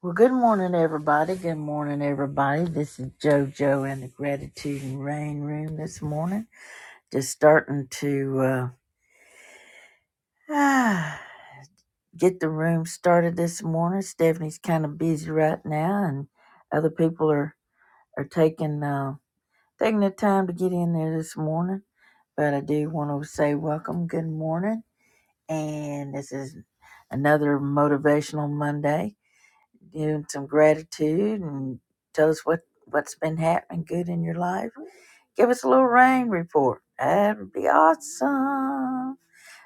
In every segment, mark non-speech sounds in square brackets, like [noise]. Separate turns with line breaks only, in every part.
Well, good morning, everybody. Good morning, everybody. This is JoJo in the Gratitude and Rain Room this morning. Just starting to uh, [sighs] ah, get the room started this morning. Stephanie's kind of busy right now, and other people are are taking uh, taking the time to get in there this morning. But I do want to say welcome, good morning, and this is another motivational Monday. Give him some gratitude and tell us what, what's been happening good in your life. Give us a little rain report. That would be awesome.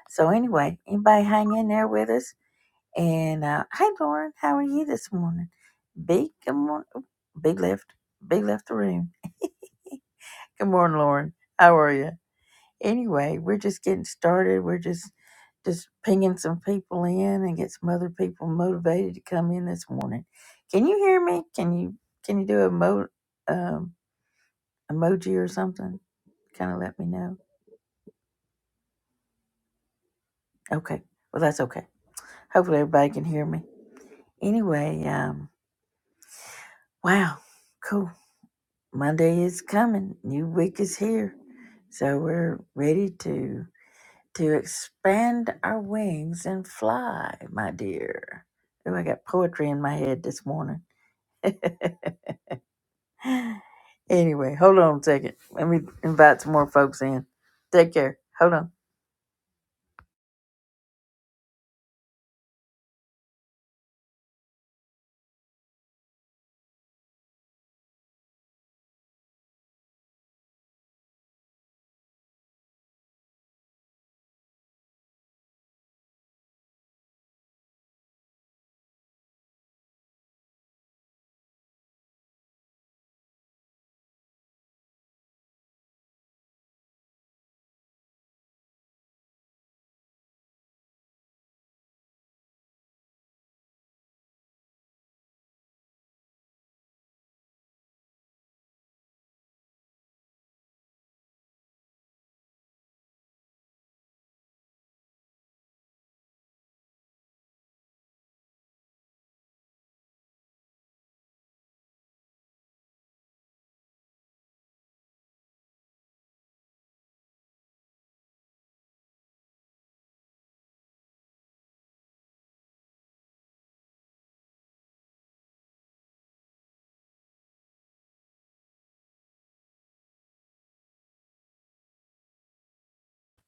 So anyway, anybody hang in there with us? And uh, hey, Lauren, how are you this morning? Big, good morning. Big left, big left the room. Good morning, Lauren. How are you? anyway, we're just getting started. We're just just pinging some people in and get some other people motivated to come in this morning. Can you hear me? Can you can you do a mo um, emoji or something? Kind of let me know. Okay. Well, that's okay. Hopefully everybody can hear me. Anyway, um, wow, cool. Monday is coming. New week is here, so we're ready to. to expand our wings and fly, my dear. Ooh, I got poetry in my head this morning. [laughs] anyway, hold on a second. Let me invite some more folks in. Take care. Hold on.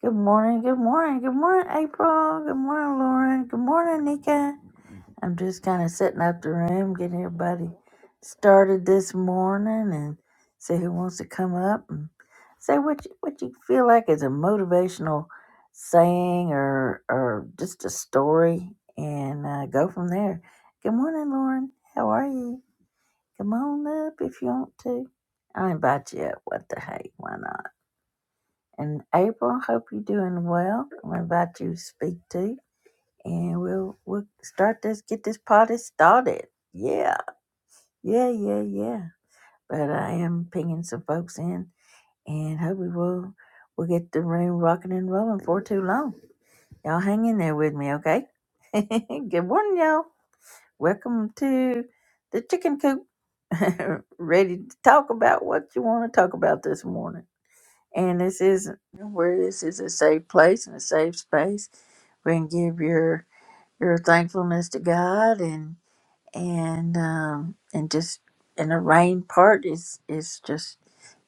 Good morning. Good morning. Good morning, April. Good morning, Lauren. Good morning, Nika. I'm just kind of setting up the room, getting everybody started this morning, and see who wants to come up and say what you, what you feel like is a motivational saying or or just a story, and uh, go from there. Good morning, Lauren. How are you? Come on up if you want to. I'll invite you up. What the heck? Why not? And April, hope you're doing well. I'm gonna invite you to speak too and we'll we'll start this get this party started. Yeah, yeah, yeah, yeah. But I am pinging some folks in, and hope we will we'll get the room rocking and rolling for too long. Y'all hang in there with me, okay? [laughs] Good morning, y'all. Welcome to the chicken coop. [laughs] Ready to talk about what you want to talk about this morning. And this is where this is a safe place and a safe space. We can give your your thankfulness to God and. and um, and just and the rain part is is just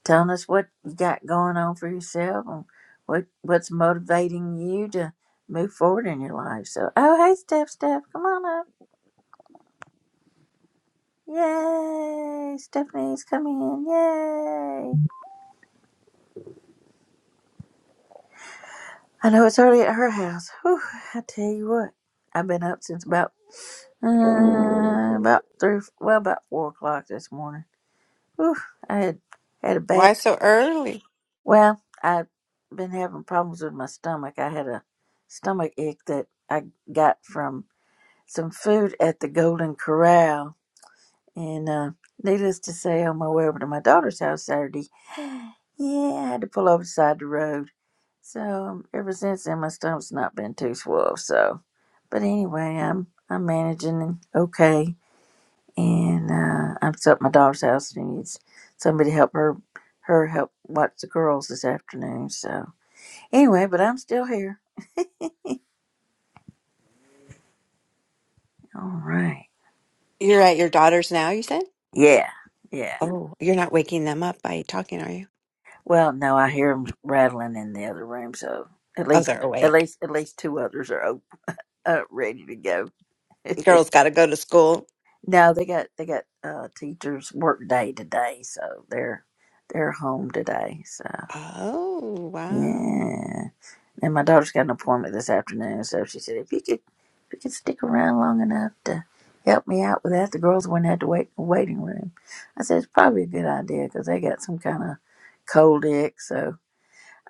telling us what you got going on for yourself and what what's motivating you to move forward in your life. So, oh hey, Steph, Steph, come on up. Yay! Stephanie's coming in. Yay! I know it's early at her house. Whew, I tell you what, I've been up since about uh, about three, well, about four o'clock this morning. Whew, I had had a bath
Why so early?
Well, I've been having problems with my stomach. I had a stomach ache that I got from some food at the Golden Corral. And uh, needless to say, on my way over to my daughter's house Saturday, yeah, I had to pull over the side of the road. So um, ever since then, my stomach's not been too swell. So, but anyway, I'm I'm managing and okay. And uh, I'm still at my daughter's house and needs somebody to help her her help watch the girls this afternoon. So. Anyway, but I'm still here. All right.
You're at your daughter's now, you said?
Yeah. Yeah.
Oh, you're not waking them up by talking, are you?
Well, no, I hear them rattling in the other room, so at
Oh,
least,
they're
at
awake.
least, at least two others are op- uh, ready to go. [laughs]
Girls got to go to school.
no, they got they got uh, teachers work day today, so they're they're home today. So
Oh, wow.
yeah. And my daughter's got an appointment this afternoon, so she said, if you could, if you could stick around long enough to help me out with that, the girls wouldn't have to wait in the waiting room. I said, it's probably a good idea because they got some kind of cold ick, so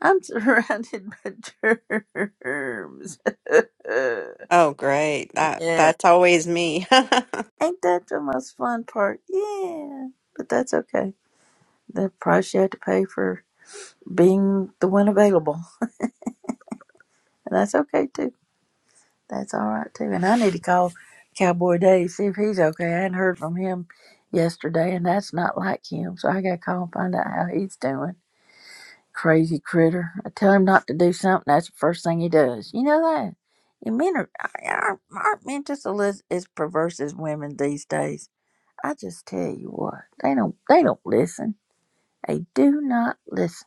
I'm surrounded [laughs] by germs. [laughs]
Oh, great. That
yeah.
that's always me. [laughs]
Ain't that the most fun part? Yeah. But that's okay. The price you have to pay for being the one available. And that's okay too. That's all right too. And I need to call Cowboy Dave see if he's okay. I hadn't heard from him yesterday, and that's not like him. So I got to call and find out how he's doing. Crazy critter! I tell him not to do something. That's the first thing he does. You know that. And men are aren't aren't men just a as perverse as women these days. I just tell you what, they don't they don't listen. They do not listen.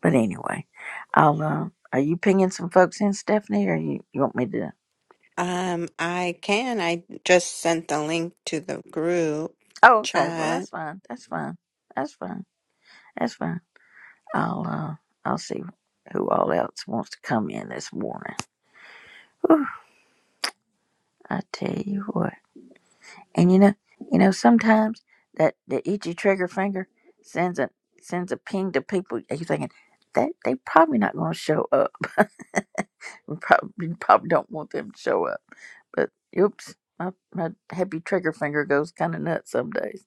But anyway, I'll. Uh, are you pinging some folks in, Stephanie, or you, you want me to?
Um, I can. I just sent the link to the group
Oh, okay. Well, that's
chat.
fine. That's fine. That's fine. That's fine. I'll uh, I'll see who all else wants to come in this morning. Whew, I tell you what. And you know, you know, sometimes that the itchy trigger finger sends a sends a ping to people. and You're thinking that they probably not going to show up. [laughs] We probably you probably don't want them to show up. But oops, my my happy trigger finger goes kind of nuts some days.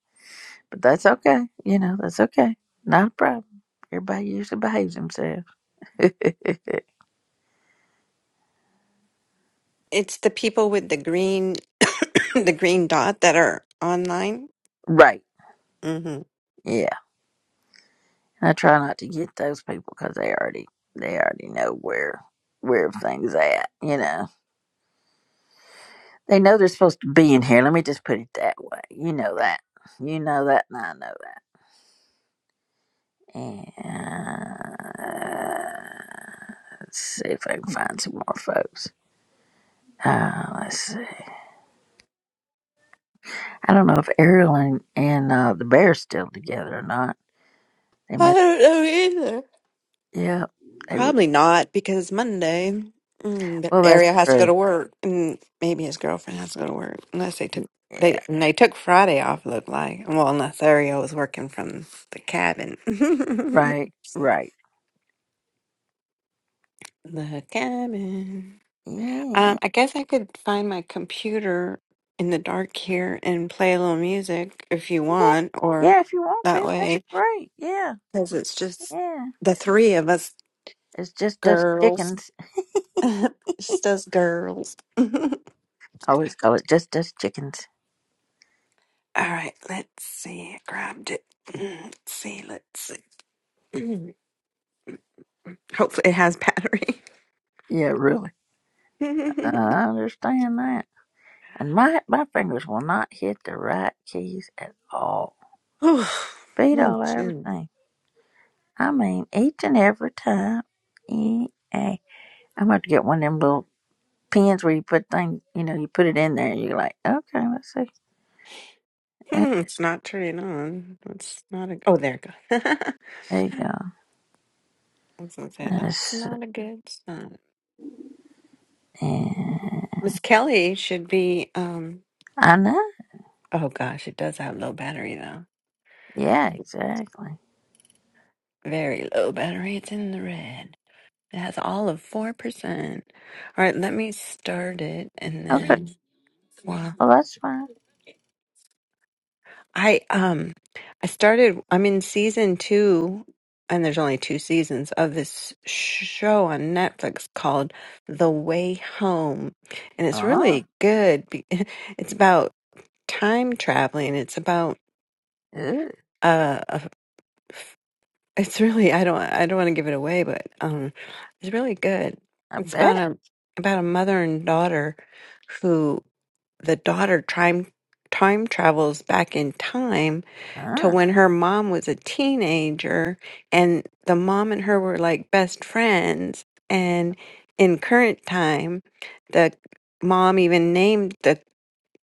But that's okay. You know, that's okay. Not a problem. Everybody usually behaves themselves. [laughs]
It's the people with the green [coughs] the green dot that are online.
right.
hmm
Yeah. I try not to get those people because they already they already know where where things at. You know, they know they're supposed to be in here. Let me just put it that way. You know that. You know that, and I know that. And let's see if I can find some more folks. Uh, let's see. I don't know if Ariel and, and uh, the bear's still together or not. They
I
met.
don't know either.
Yeah. They were.
Probably not because Monday, mm, the
Well, that's
area has to go
true.
to work, and maybe his girlfriend has to go to work. Unless they took
Yeah.
they and they took Friday off. Looked like well, unless Ariel was working from the cabin. [laughs] the
Right. Right.
cabin.
Yeah.
Um, I guess I could find my computer in the dark here and play a little music if you
Yeah,
want, or
yeah, if you want
that
to, that'd be
way
great. Yeah,
because it's just
yeah.
the three of us
It's just us
girls,
chickens.
[laughs] just us girls.
I always call it just us chickens.
All right, let's see. I grabbed it. Mm, Let's see, let's see. Mm, Hopefully it has battery.
Yeah, really.
[laughs]
I understand that. And my my fingers will not hit the right keys at all.
oh,
Beat
mm,
all
shoot. [laughs]
everything. I mean, each and every time. E A. I'm about to get one of them little pins where you put thing. You know, you put it in there. and You're like, okay, let's see. Eh,
Mm, it's not turning on. That's not a. Oh, there it goes. [laughs] I
There you go.
was gonna say that's
That's,
not a good sign.
eh,
Miss Kelly should be. Um.
I know.
Oh gosh, it does have low battery though.
Yeah, exactly.
Very low battery. It's in the red. It has all of four percent. All right, let me start it and
Okay.
then.
Well, that's fine.
I um I started I'm in season 2 and there's only two seasons of this show on Netflix called The Way Home and it's
Oh,
really good. be- [laughs] It's about time traveling. It's about
ew,
uh. a it's really I don't I don't want to give it away, but um, it's really good.
I
It's about
bet.
a about a mother and daughter who the daughter time time travels back in time to
Uh,
when her mom was a teenager and the mom and her were like best friends and in current time the mom even named the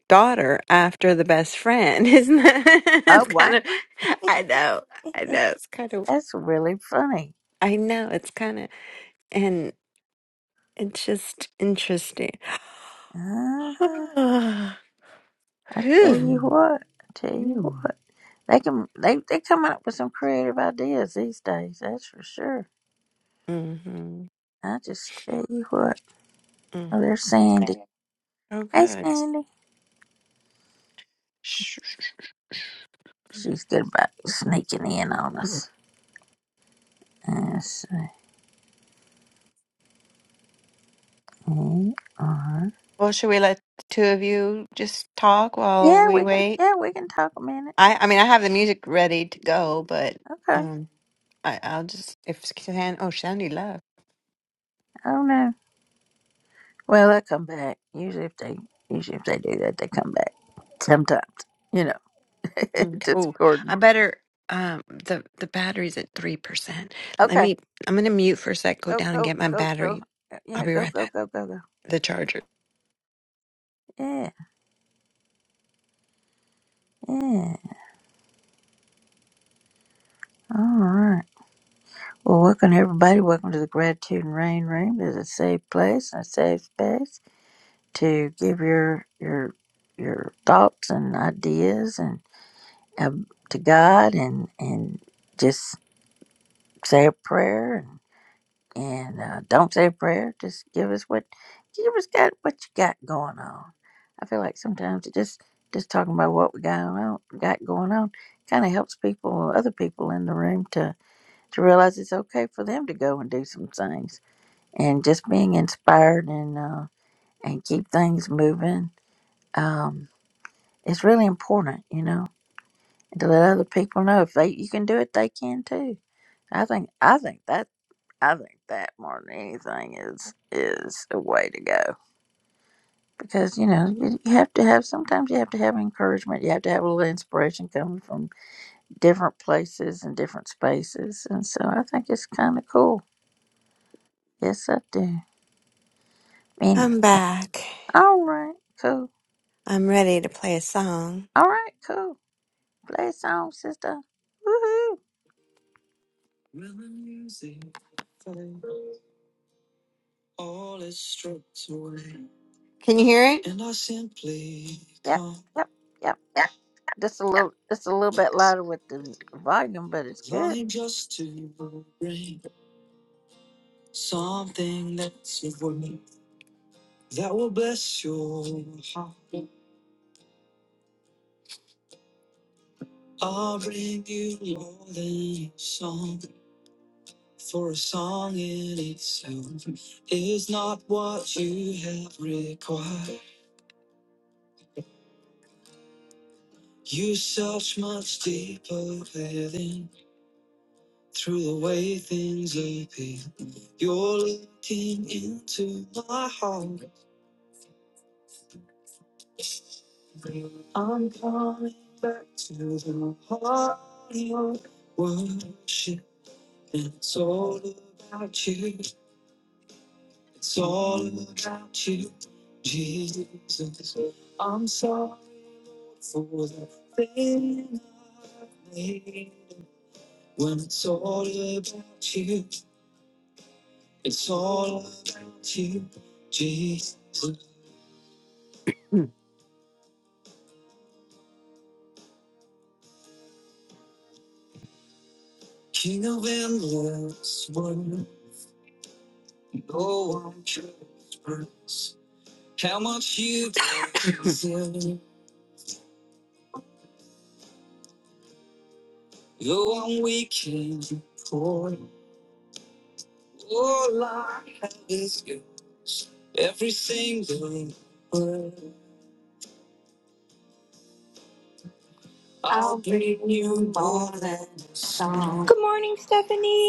daughter after the best friend [laughs] isn't that [laughs]
oh,
it's
wow.
kind of i know i
Eh,
know it's kind of
That's really funny.
I know it's kind of, and it's just interesting. [gasps]
Uh-huh.
[sighs]
I tell you
Phew.
what. I tell you what. They can they they come up with some creative ideas these days. That's for sure.
Mm-hmm.
I just tell you what.
Mm.
Oh, there's Sandy.
Oh,
Hey,
good.
Sandy.
Sh-
She's good about sneaking in on us. Yes. Uh,
Well, should we let the two of you just talk while
Yeah,
we
we can.
wait?
Yeah, we can talk a minute.
I, I mean, I have the music ready to go, but
Okay.
um, I, I'll just if Shan. Oh, Shandy left.
Oh no. Well, they come back. Usually, if they usually if they do that, they come back. Sometimes, you know, [laughs]
Mm,
just
Cool.
Gordon.
I better um the the battery's at 3%. Let
Okay,
me I'm going to mute for a sec, go
go
down and
go
get my
go go.
battery. I'll
Yeah,
be
go
right
go
back.
go go go.
The charger.
Yeah, yeah. All right. Well, welcome everybody. Welcome to the Gratitude and Rain Room. It's a safe place, a safe space to give your your your thoughts and ideas and um, to God and and just say a prayer and uh, don't say a prayer. Just give us what give us got what you got going on. I feel like sometimes it just just talking about what we got on got going on kind of helps people, other people in the room to to realize it's okay for them to go and do some things, and just being inspired and uh, and keep things moving. Um, it's really important, you know, to let other people know if they you can do it, they can too. I think I think that I think that more than anything is is a way to go because you know you you have to have sometimes you have to have encouragement you have to have a little inspiration coming from different places and different spaces and so I think it's kind of cool. Yes, I do. Anyway,
I'm back.
all right, cool.
I'm ready to play a song.
All right, cool. Play a song, sister. Woohoo!
All is stripped away, Can you hear it? and I simply
Yep,
come
yep, yep. Just a little, just a little bit louder with the volume, but it's good.
longing just to bring something that's of worth that will bless your heart. I'll bring you more than a song, for a song in itself is not what you have required. You search much deeper within. Through the way things appear, you're looking into my heart. I'm coming back to the heart of your worship. It's all about you. It's all about you, Jesus. I'm sorry Lord, for the thing I've made. When it's all about you, it's all about you, Jesus. King of endless world, no one can express how much you [coughs] deserve. You're one weekend for all I have is yours. Every single word, I'll bring you more than a song
Good morning,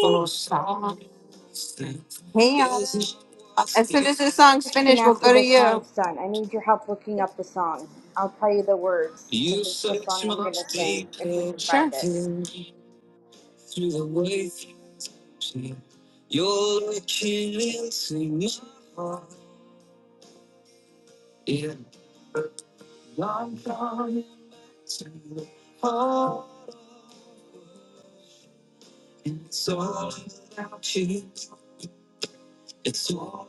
for song. Hey, as soon as this song's
Question
finished, we'll
after
go to
the
you.
song's done. I need your help looking up the song. I'll tell you the words
You
because it's the song
search
I'm gonna
much
sing if we
deeper.
can find it.
Sure. through the waves you see. You're looking into my heart. Yeah, I'm coming to the heart. And it's all about you. It's all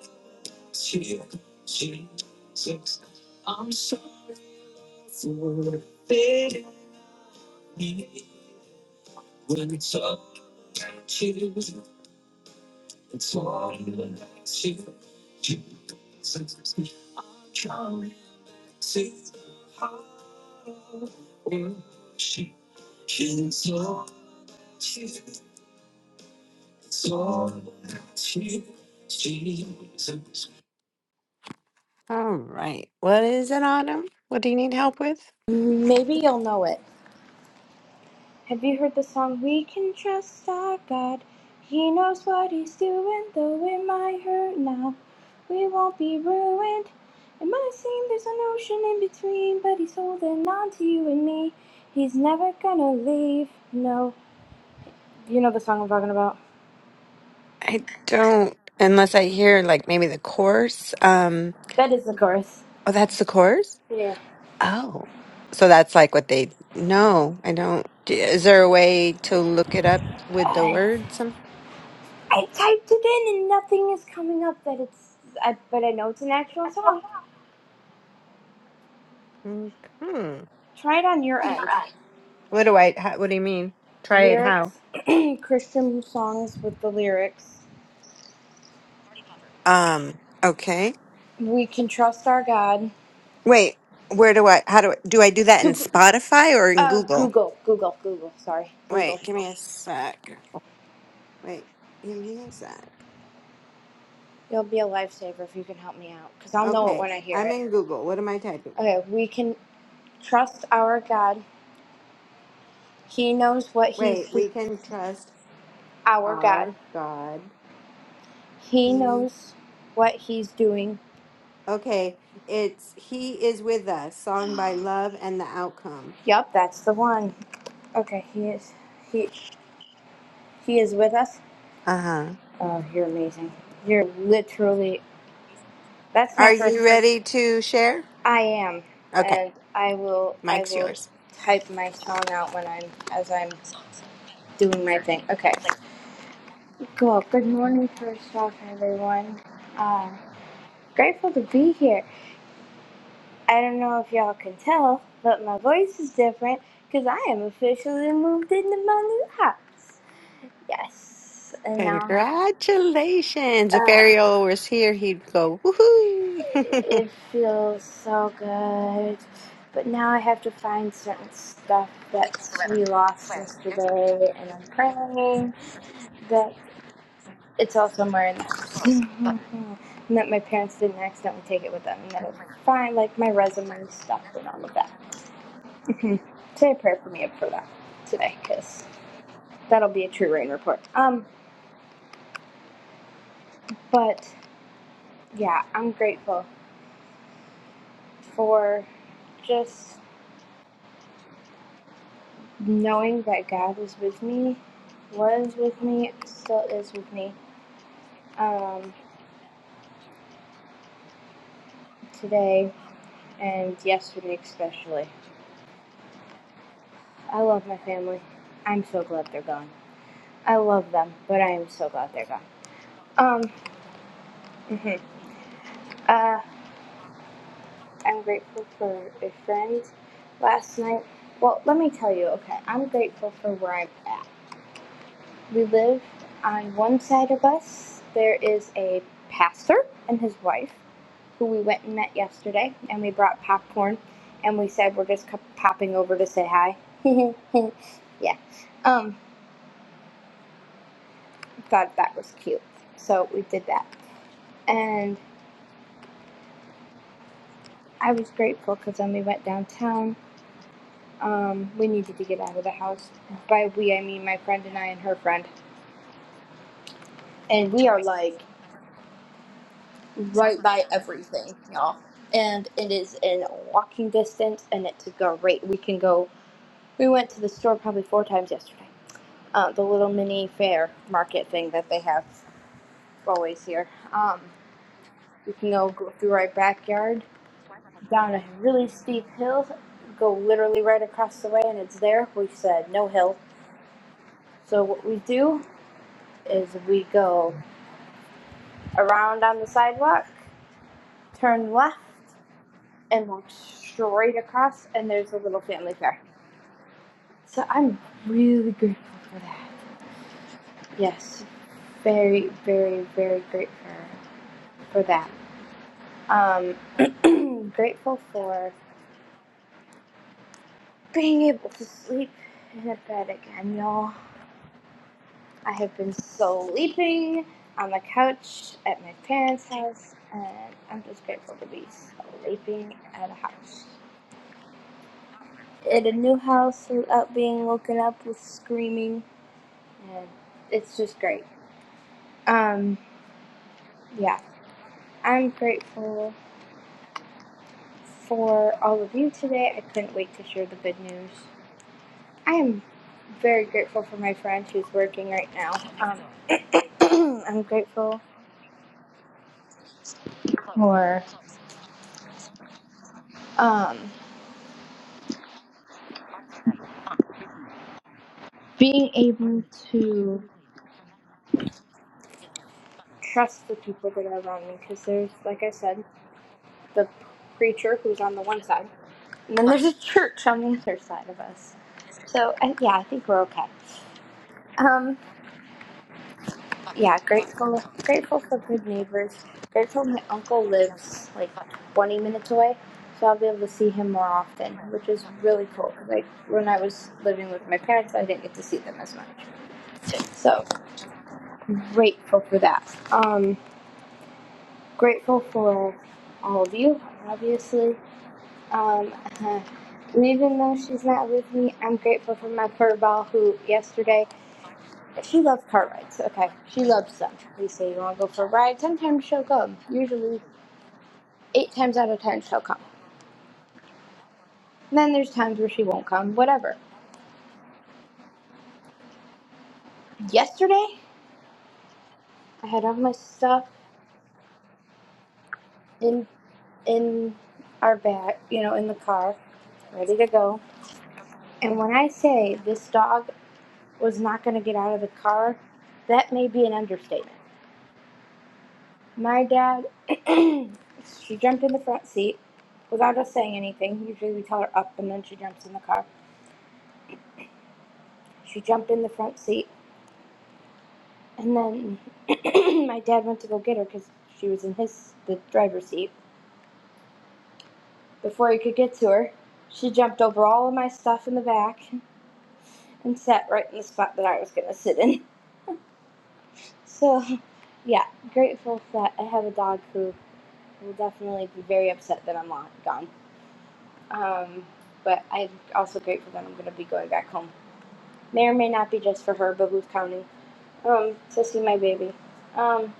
about you, Jesus. I'm so full of it. When it's all about you, it's all about you, Jesus. I'm coming to the heart of worship. Exalt you, exalt you, Jesus. All right. What is it, Autumn? What do you need help with?
Maybe you'll know it. Have you heard the song We Can Trust Our God? He knows what he's doing, though it might hurt now. We won't be ruined. It might seem there's an ocean in between, but he's holding on to you and me. He's never gonna leave. No. You know the song I'm talking about?
I don't, unless I hear like maybe the chorus. Um,
That is the chorus.
oh, that's the chorus?
Yeah.
Oh. So that's like what they, no, I don't. d- Is there a way to look it up with the
I,
words? Some-
I typed it in and nothing is coming up that it's. I, but I know it's an actual song.
Hmm.
Try it on your end.
What do I? How, what do you mean? Try it how?
Lyrics, [clears throat] Christian songs with the lyrics.
Um, okay.
We can trust our God.
Wait, where do I how do I do I do that in
Do,
Spotify or in
uh,
Google?
Google, Google, Google. Sorry, Google.
Wait, give me a sec. Wait, give me a sec.
You'll be a lifesaver if you can help me out, cause I'll know it
Okay,
when I hear
I'm
it.
in Google. What am I typing?
Okay, we can trust our God. He knows what he's.
Wait,
do-
we can trust
Our God.
our God.
He
He
knows what he's doing.
Okay, it's He is with us, song by Love and the Outcome.
Yep, that's the one. Okay, he is. He he is with us.
Uh-huh.
Oh, you're amazing. You're literally. That's my
Are
first.
you ready to share?
I am,
Okay,
and I will. I
Mike's
will
yours.
type my song out when I'm as I'm doing my thing. Okay. Cool. Good morning, first off, everyone. Uh, grateful to be here. I don't know if y'all can tell, but my voice is different because I am officially moved into my new house. Yes, and now.
Congratulations. If
Oh.
Ariel was here, he'd go, woohoo. [laughs]
It feels so good. But now I have to find certain stuff that we lost yesterday, and I'm praying that it's all somewhere in the [laughs] and that my parents didn't accidentally take it with them, and that it's fine, like my resume stuff and all of that. [laughs] Say a prayer for me up for that today, because that'll be a true rain report. Um, but yeah, I'm grateful for just knowing that God is with me, was with me, still is with me um, today and yesterday, especially. I love my family. I'm so glad they're gone. I love them, but I am so glad they're gone. Um, mhm. uh, I'm grateful for a friend last night. Well, let me tell you, okay, I'm grateful for where I'm at. We live on one side of us, there is a pastor and his wife who we went and met yesterday, and we brought popcorn, and we said we're just popping over to say hi. [laughs] yeah, um, thought that was cute, so we did that, and I was grateful because then we went downtown. Um, we needed to get out of the house. By we, I mean my friend and I and her friend, and we are like right by everything, y'all. And it is in walking distance, and it's a great. We can go. We went to the store probably four times yesterday uh, the little mini fair market thing that they have always here. Um, you can go, go through our backyard down a really steep hill, go literally right across the way, and it's there. We said no hill. So what we do is we go around on the sidewalk, turn left, and walk straight across, and there's a little family fair. So I'm really grateful for that. Yes, very, very, very grateful for that. Um, [clears throat] grateful for being able to sleep in a bed again, y'all. I have been so sleeping on the couch at my parents' house, and I'm just grateful to be sleeping at a house. At a new house without being woken up with screaming, and it's just great. Um, yeah, I'm grateful for all of you today. I couldn't wait to share the good news. I am very grateful for my friend who's working right now. Um, [clears throat] I'm grateful for um, being able to trust the people that are around me because there's, like I said, the preacher who's on the one side, and then there's a church on the other side of us. So, I, yeah, I think we're okay. Um, yeah, grateful grateful for good neighbors. Grateful my uncle lives like 20 minutes away, so I'll be able to see him more often, which is really cool. Like when I was living with my parents, I didn't get to see them as much. So grateful for that. Um, grateful for all of you, obviously. Um, [laughs] and even though she's not with me, I'm grateful for my furball who yesterday She loves car rides. Okay. She loves them. We say, You want to go for a ride? Sometimes she'll come. Usually, eight times out of ten, she'll come. And then there's times where she won't come, whatever. Yesterday, I had all my stuff in in our bag, you know, in the car, ready to go. And when I say this dog was not going to get out of the car, that may be an understatement. My dad, [clears throat] she jumped in the front seat without us saying anything. Usually we tell her up and then she jumps in the car. She jumped in the front seat, and then [clears throat] my dad went to go get her because she was in his the driver's seat. Before he could get to her, she jumped over all of my stuff in the back and sat right in the spot that I was gonna sit in. [laughs] So yeah, grateful that I have a dog who will definitely be very upset that I'm gone. Um, but I'm also grateful that I'm gonna be going back home. May or may not be just for her, but who's counting? Um, to see my baby. Um,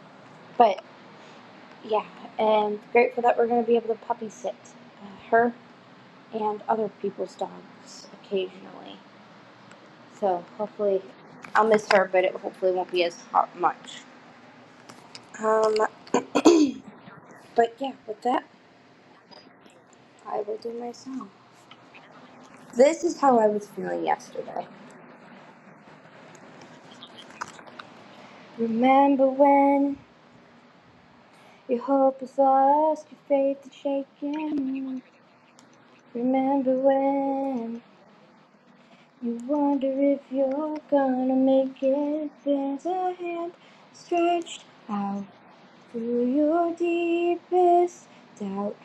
but Yeah, and grateful that we're going to be able to puppy sit uh, her and other people's dogs occasionally. So hopefully, I'll miss her, but it hopefully won't be as hot much. Um, but yeah, with that, I will do my song. This is how I was feeling yesterday. Remember when your hope is lost, your faith is shaken. Remember when You wonder if you're gonna make it. There's a hand stretched out through your deepest doubt.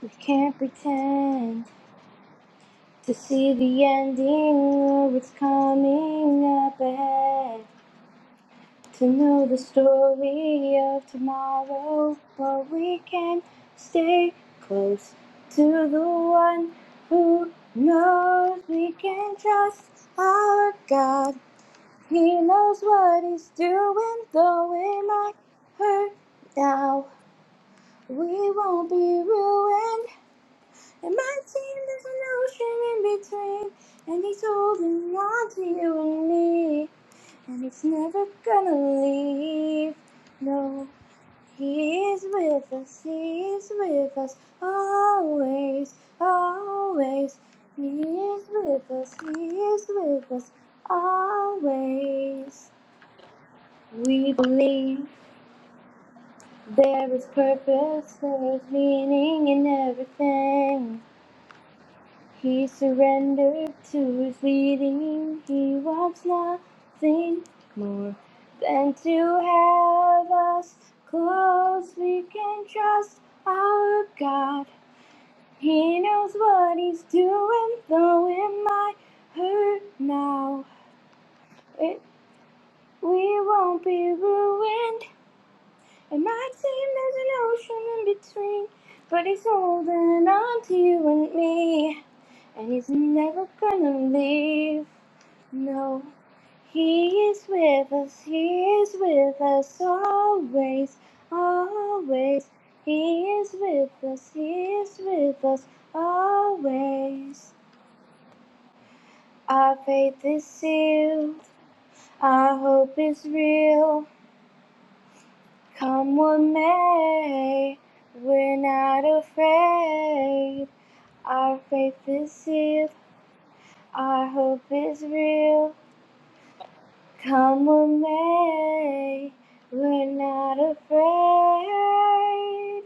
We can't pretend to see the ending or what's coming up ahead. To know the story of tomorrow, but we can stay close to the one who knows we can trust our God. He knows what he's doing, though it might hurt now. We won't be ruined. It might seem there's an ocean in between, and he's holding on to you and me, and he's never gonna leave. No, he is with us, he is with us always, always. He is with us, he is with us always. We believe there is purpose, there is meaning in everything. He surrendered to his leading. He wants nothing more than to have us close. We can trust our God. He knows what he's doing, though it might hurt now. It, we won't be ruined. It might seem there's an ocean in between, but he's holding on to you and me. And he's never gonna leave. No, he is with us, he is with us always, always. He is with us, he is with us always. Our faith is sealed, our hope is real. Come what may, we're not afraid. Our faith is sealed, our hope is real. Come what may, we're not afraid.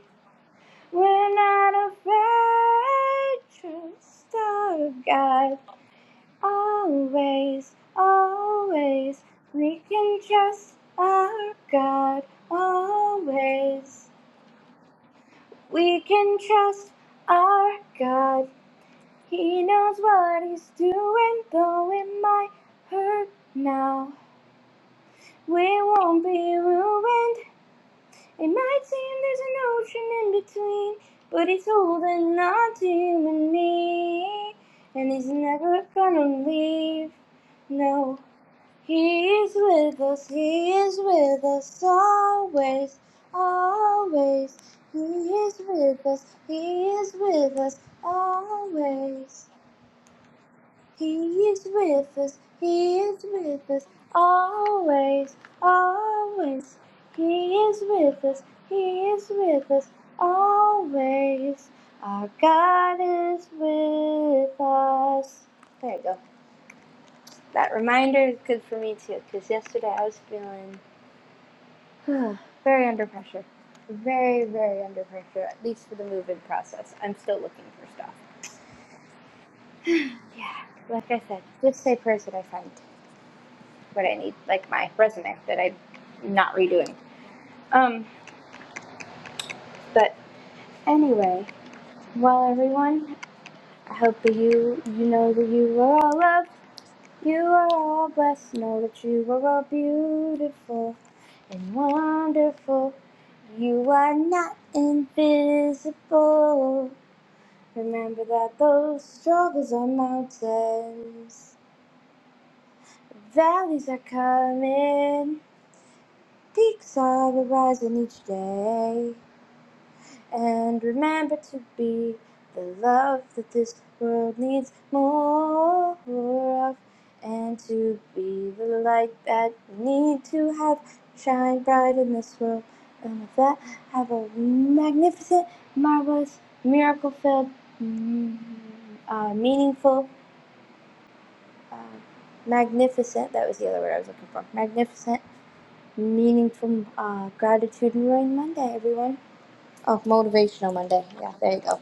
We're not afraid. True star of God, always, always, we can trust our God, always. We can trust our God. He knows what He's doing, though it might hurt now. We won't be ruined. It might seem there's an ocean in between, but He's holding on to you and me. And He's never gonna leave. no. He is with us, He is with us always, always. He is with us, He is with us always. He is with us, He is with us always, always. He is with us, He is with us always. Our God is with us. There you go. That reminder is good for me too, because yesterday I was feeling [sighs] very under pressure. Very, very under pressure, at least for the move-in process. I'm still looking for stuff. Yeah, like I said, just say prayers that I find what I need, like my resume that I'm not redoing. Um, but anyway, well, everyone, I hope that you you know that you are all loved, you are all blessed. Know that you are all beautiful and wonderful. You are not invisible. Remember that those struggles are mountains, valleys are coming, peaks are arising each day. And remember to be the love that this world needs more of, and to be the light that we need to have shine bright in this world. And with that, have a magnificent, marvelous, miracle filled, mm, uh, meaningful, um, magnificent. That was the other word I was looking for. Magnificent, meaningful, uh, gratitude and rain Monday, everyone. Oh, motivational Monday. Yeah, there you go.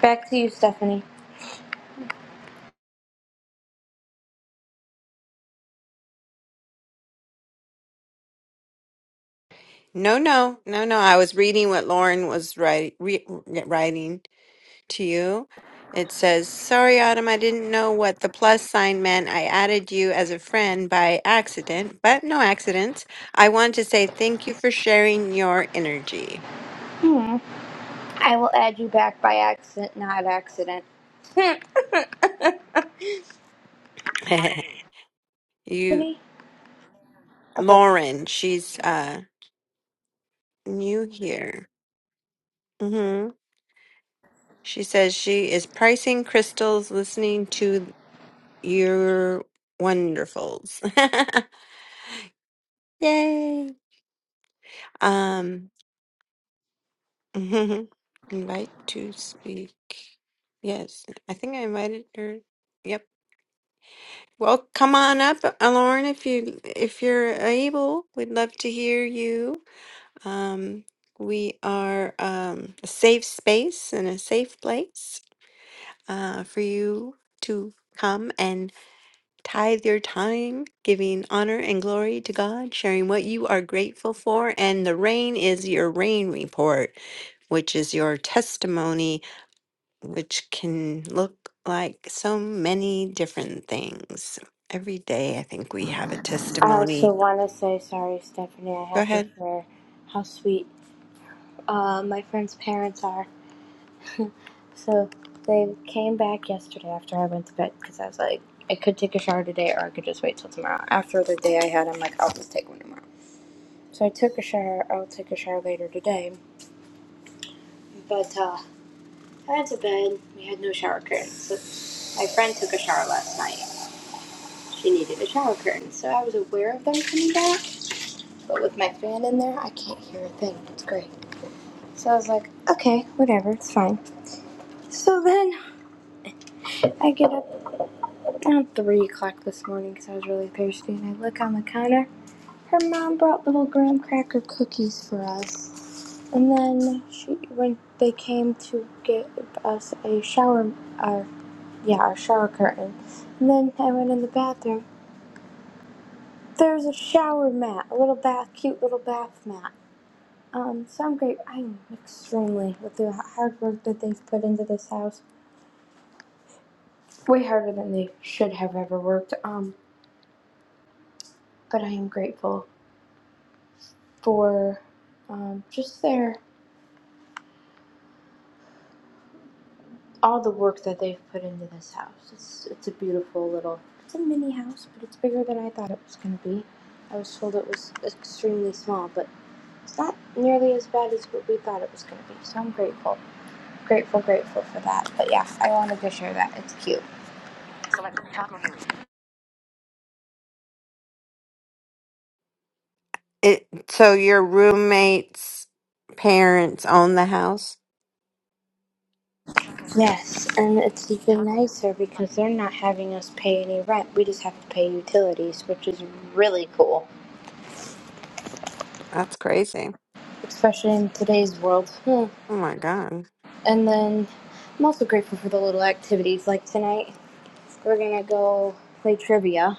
Back to you, Stephanie.
no, no, no, no. I was reading what Lauren was write, re, writing to you. It says, Sorry, Autumn, I didn't know what the plus sign meant. I added you as a friend by accident, but no accidents. I want to say thank you for sharing your energy.
Hmm. I will add you back by accident, not accident. Hmm.
[laughs] you,
Stephanie. Okay.
Lauren, she's uh, new here. Mm-hmm. She says she is pricing crystals, listening to your wonderfuls. [laughs] Yay! Um, [laughs] invite to speak. Yes, I think I invited her. Yep. Well, come on up, Lauren, if you if you're able. We'd love to hear you. Um, we are um, a safe space and a safe place uh, for you to come and Tithe your time, giving honor and glory to God, sharing what you are grateful for. And the rain is your rain report, which is your testimony, which can look like so many different things. Every day, I think we have a
I also
testimony.
want to say sorry, Stephanie. I
Go
have to
ahead.
share how sweet uh, my friend's parents are. So they came back yesterday after I went to bed because I was like, I could take a shower today or I could just wait till tomorrow. After the day I had, I'm like, I'll just take one tomorrow. So I took a shower. I'll take a shower later today. But uh, I went to bed. We had no shower curtains. So my friend took a shower last night. She needed a shower curtain. So I was aware of them coming back. But with my fan in there, I can't hear a thing. It's great. So I was like, okay, whatever, it's fine. So then I get up around 3 o'clock this morning because I was really thirsty. And I look on the counter. Her mom brought little graham cracker cookies for us. And then she, when they came to give us a shower, our, yeah, our shower curtain. And then I went in the bathroom. There's a shower mat, a little bath, cute little bath mat. Um, so I'm great. I'm extremely with the hard work that they've put into this house. Way harder than they should have ever worked. Um, but I am grateful for um, just their all the work that they've put into this house. It's it's a beautiful little it's a mini house, but it's bigger than I thought it was going to be. I was told it was extremely small, but it's not nearly as bad as what we thought it was going to be. So I'm grateful, grateful, grateful for that. But yeah, I wanted to share that. It's cute.
It, so, your roommate's parents own the house?
Yes, and it's even nicer because they're not having us pay any rent. We just have to pay utilities, which is really cool,
That's crazy.
especially in today's world. Hmm.
Oh my God.
And then I'm also grateful for the little activities. Like tonight, we're gonna go play trivia,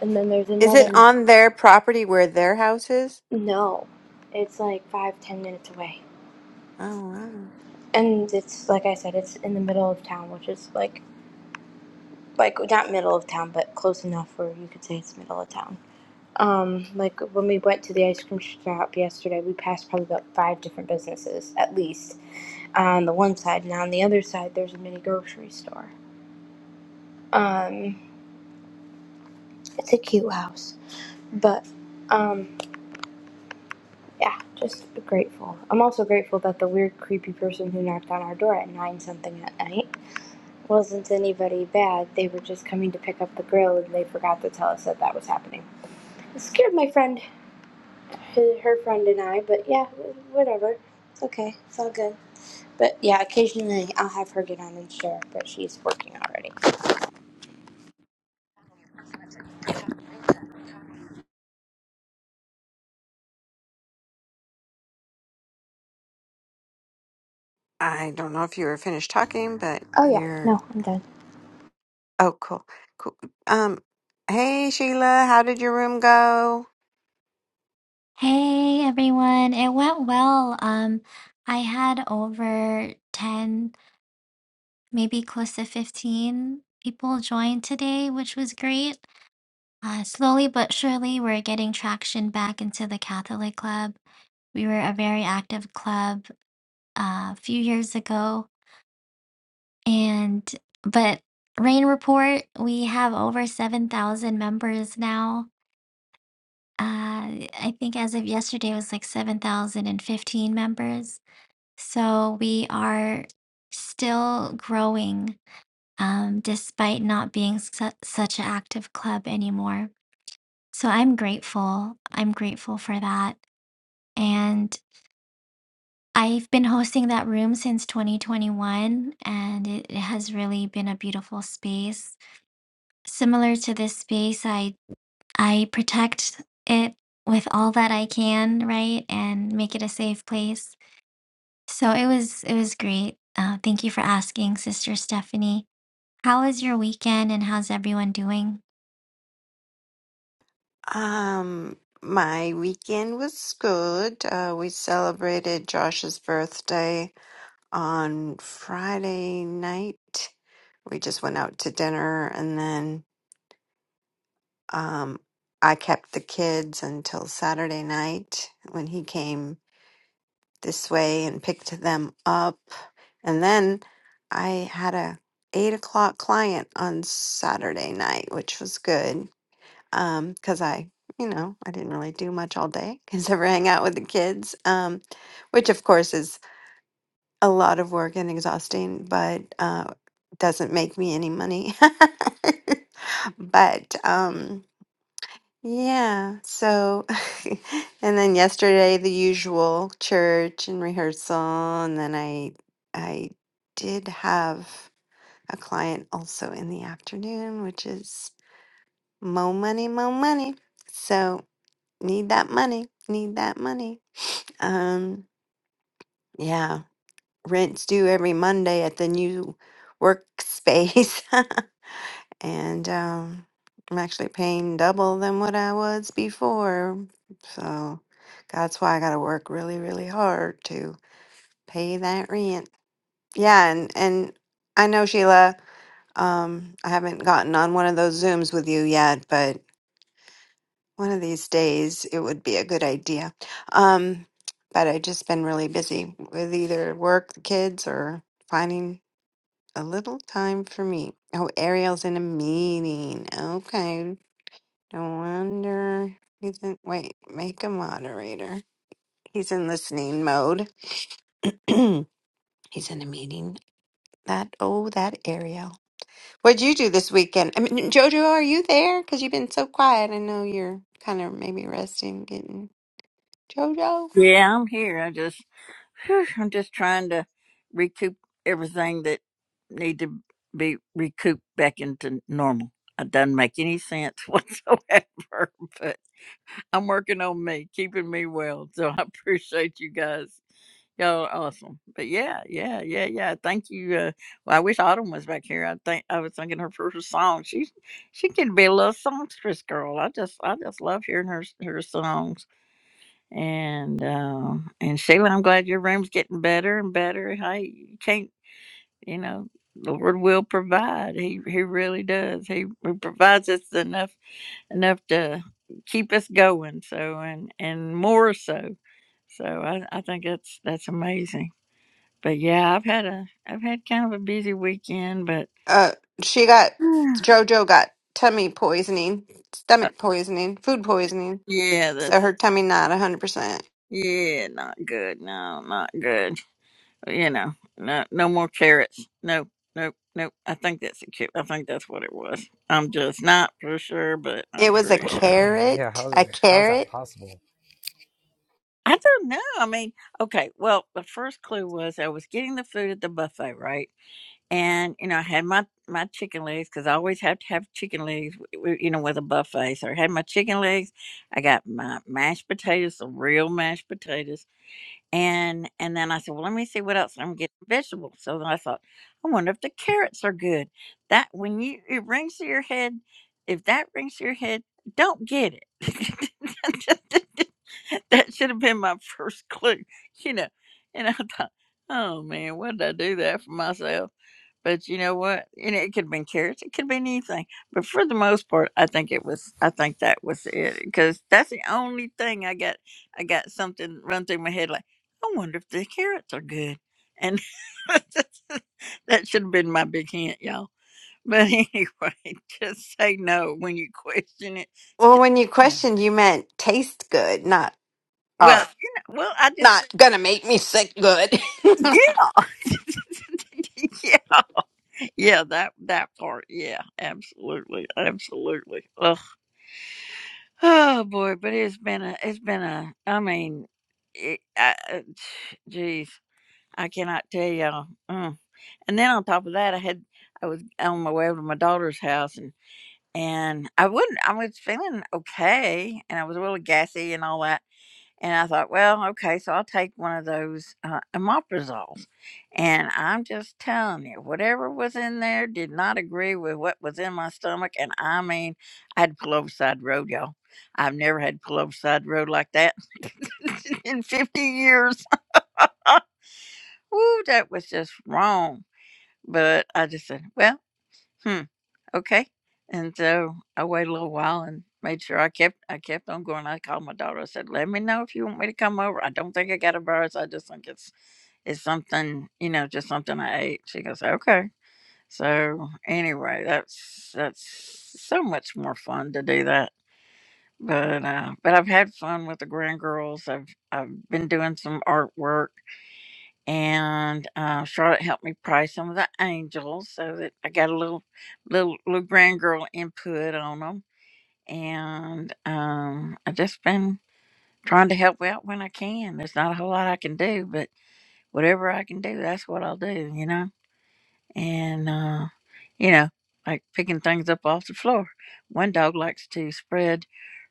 and then there's
Is it
another.
on their property where their house is?
No, it's like five ten minutes away,
Oh, wow.
and it's like I said, it's in the middle of town, which is like like not middle of town, but close enough where you could say it's middle of town. Um, like when we went to the ice cream shop yesterday, we passed probably about five different businesses at least on the one side, and on the other side, there's a mini grocery store. Um, it's a cute house But um, yeah, just grateful. I'm also grateful that the weird, creepy person who knocked on our door at nine something at night wasn't anybody bad. They were just coming to pick up the grill, and they forgot to tell us that that was happening. It scared my friend, her friend and I. But yeah, whatever. It's okay. It's all good. But yeah, occasionally I'll have her get on and share, but she's working already.
I don't know if you were finished talking, but
Oh yeah,
you're
no, I'm done.
oh cool. Cool. Um hey Sheila, how did your room go?
Hey everyone, it went well. Um, I had over 10, maybe close to 15 people join today, which was great. Uh, slowly but surely, we're getting traction back into the Catholic Club. We were a very active club uh, a few years ago, and but Rain Report, we have over 7,000 members now. Uh, I think as of yesterday, it was like 7,015 members. So we are still growing um, despite not being su- such an active club anymore. So I'm grateful. I'm grateful for that. And I've been hosting that room since 2021, and it, it has really been a beautiful space. Similar to this space, I I protect it with all that I can, right, and make it a safe place. So it was it was great. Uh, thank you for asking, Sister Stephanie. How was your weekend and how's everyone doing?
Um my weekend was good. Uh we celebrated Josh's birthday on Friday night. We just went out to dinner and then um I kept the kids until Saturday night when he came this way and picked them up. And then I had a eight o'clock client on Saturday night, which was good because I, you know, I didn't really do much all day [laughs] because I hang out with the kids, um, which of course is a lot of work and exhausting, but uh, doesn't make me any money. [laughs] but um, yeah. So, [laughs] and then yesterday, the usual church and rehearsal, and then I I did have a client also in the afternoon, which is mo money, mo money. So need that money, need that money. Um, yeah. Rent's due every Monday at the new workspace. [laughs] and um, I'm actually paying double than what I was before. So that's why I got to work really, really hard to pay that rent. Yeah, and and I know Sheila. Um, I haven't gotten on one of those Zooms with you yet, but one of these days it would be a good idea. Um, but I've just been really busy with either work, the kids, or finding a little time for me. Oh, Ariel's in a meeting. Okay. No wonder he's in. Wait, make a moderator. He's in listening mode. [clears throat] he's in a meeting. That oh, that Ariel. What'd you do this weekend? I mean, Jojo, are you there? Because you've been so quiet. I know you're kind of maybe resting, getting Jojo.
Yes, and to everything that. needs poop back into normal. It doesn't make any sense [laughs] whatsoever, but I'm working on me, keeping me well. So I appreciate you guys. Y'all are awesome. But yeah, yeah, yeah, yeah. Thank you. Uh, well, I wish Autumn was back here. I think I was thinking her first song. She's she can be a little songstress girl. I just I just love hearing her her songs. And uh, and Sheila, I'm glad your room's getting better and better. Hey, you can't you know the lord will provide he he really does he, he provides us enough enough to keep us going so and and more so so i i think that's that's amazing but yeah i've had a i've had kind of a busy weekend but
Uh, she got
[sighs] uh,
Jojo got tummy poisoning, stomach poisoning, food poisoning.
yeah
So
that's
her tummy not a hundred percent.
yeah not good no not good you know no no more carrots no Nope, nope. I think that's a cute. I think that's what it was. I'm just not for sure, but
It
I'm
was a
pretty sure.
carrot.
yeah, how's
A
it? How's that
carrot.
possible?
I don't know. I mean, okay. Well, the first clue was I was getting the food at the buffet, right? And you know, I had my my chicken legs because I always have to have chicken legs, w- you know, with a buffet. So I had my chicken legs. I got my mashed potatoes, the real mashed potatoes and and then I said, well, let me see what else I'm getting vegetables. So then I thought, I wonder if the carrots are good. That when you it rings to your head, if that rings to your head, don't get it. [laughs] that should have been my first clue, you know. And I thought, oh man, what did I do that for myself? But you know what? You know it could have been carrots, it could have been anything. But for the most part, I think it was. I think that was it because that's the only thing I got. I got something run through my head like I wonder if the carrots are good. And [laughs] that should have been my big hint, y'all. But anyway, [laughs] just say no when you question it.
Well,
Just
when you
no.
questioned, you meant taste good, not
Well,
are
you know, well, I just
not
said,
gonna make me sick good. [laughs]
yeah, [laughs] yeah, yeah. That that part, yeah, absolutely, absolutely. Ugh. Oh boy, but it's been a, it's been a. I mean, it, I, uh, geez, I cannot tell y'all. Mm. And then on top of that, I had I was on my way over to my daughter's house, and and I wouldn't. I was feeling okay, and I was a little gassy and all that. And I thought, well, okay, so I'll take one of those uh, omeprazoles. And I'm just telling you, whatever was in there did not agree with what was in my stomach. And I mean, I had to pull over side road, y'all. I've never had to pull over side road like that [laughs] in 50 years. Woo, that was just wrong. But I just said, well, hmm. okay and so i waited a little while and made sure i kept i kept on going i called my daughter i said let me know if you want me to come over i don't think i got a virus i just think it's it's something you know just something i ate she goes okay so anyway that's that's so much more fun to do that but uh but i've had fun with the grand girls i've i've been doing some artwork and uh, Charlotte helped me pray some of the angels, so that I got a little little little grand girl input on them. And um, I've just been trying to help out when I can. There's not a whole lot I can do, but whatever I can do, that's what I'll do. You know and uh, you know, like picking things up off the floor. One dog likes to spread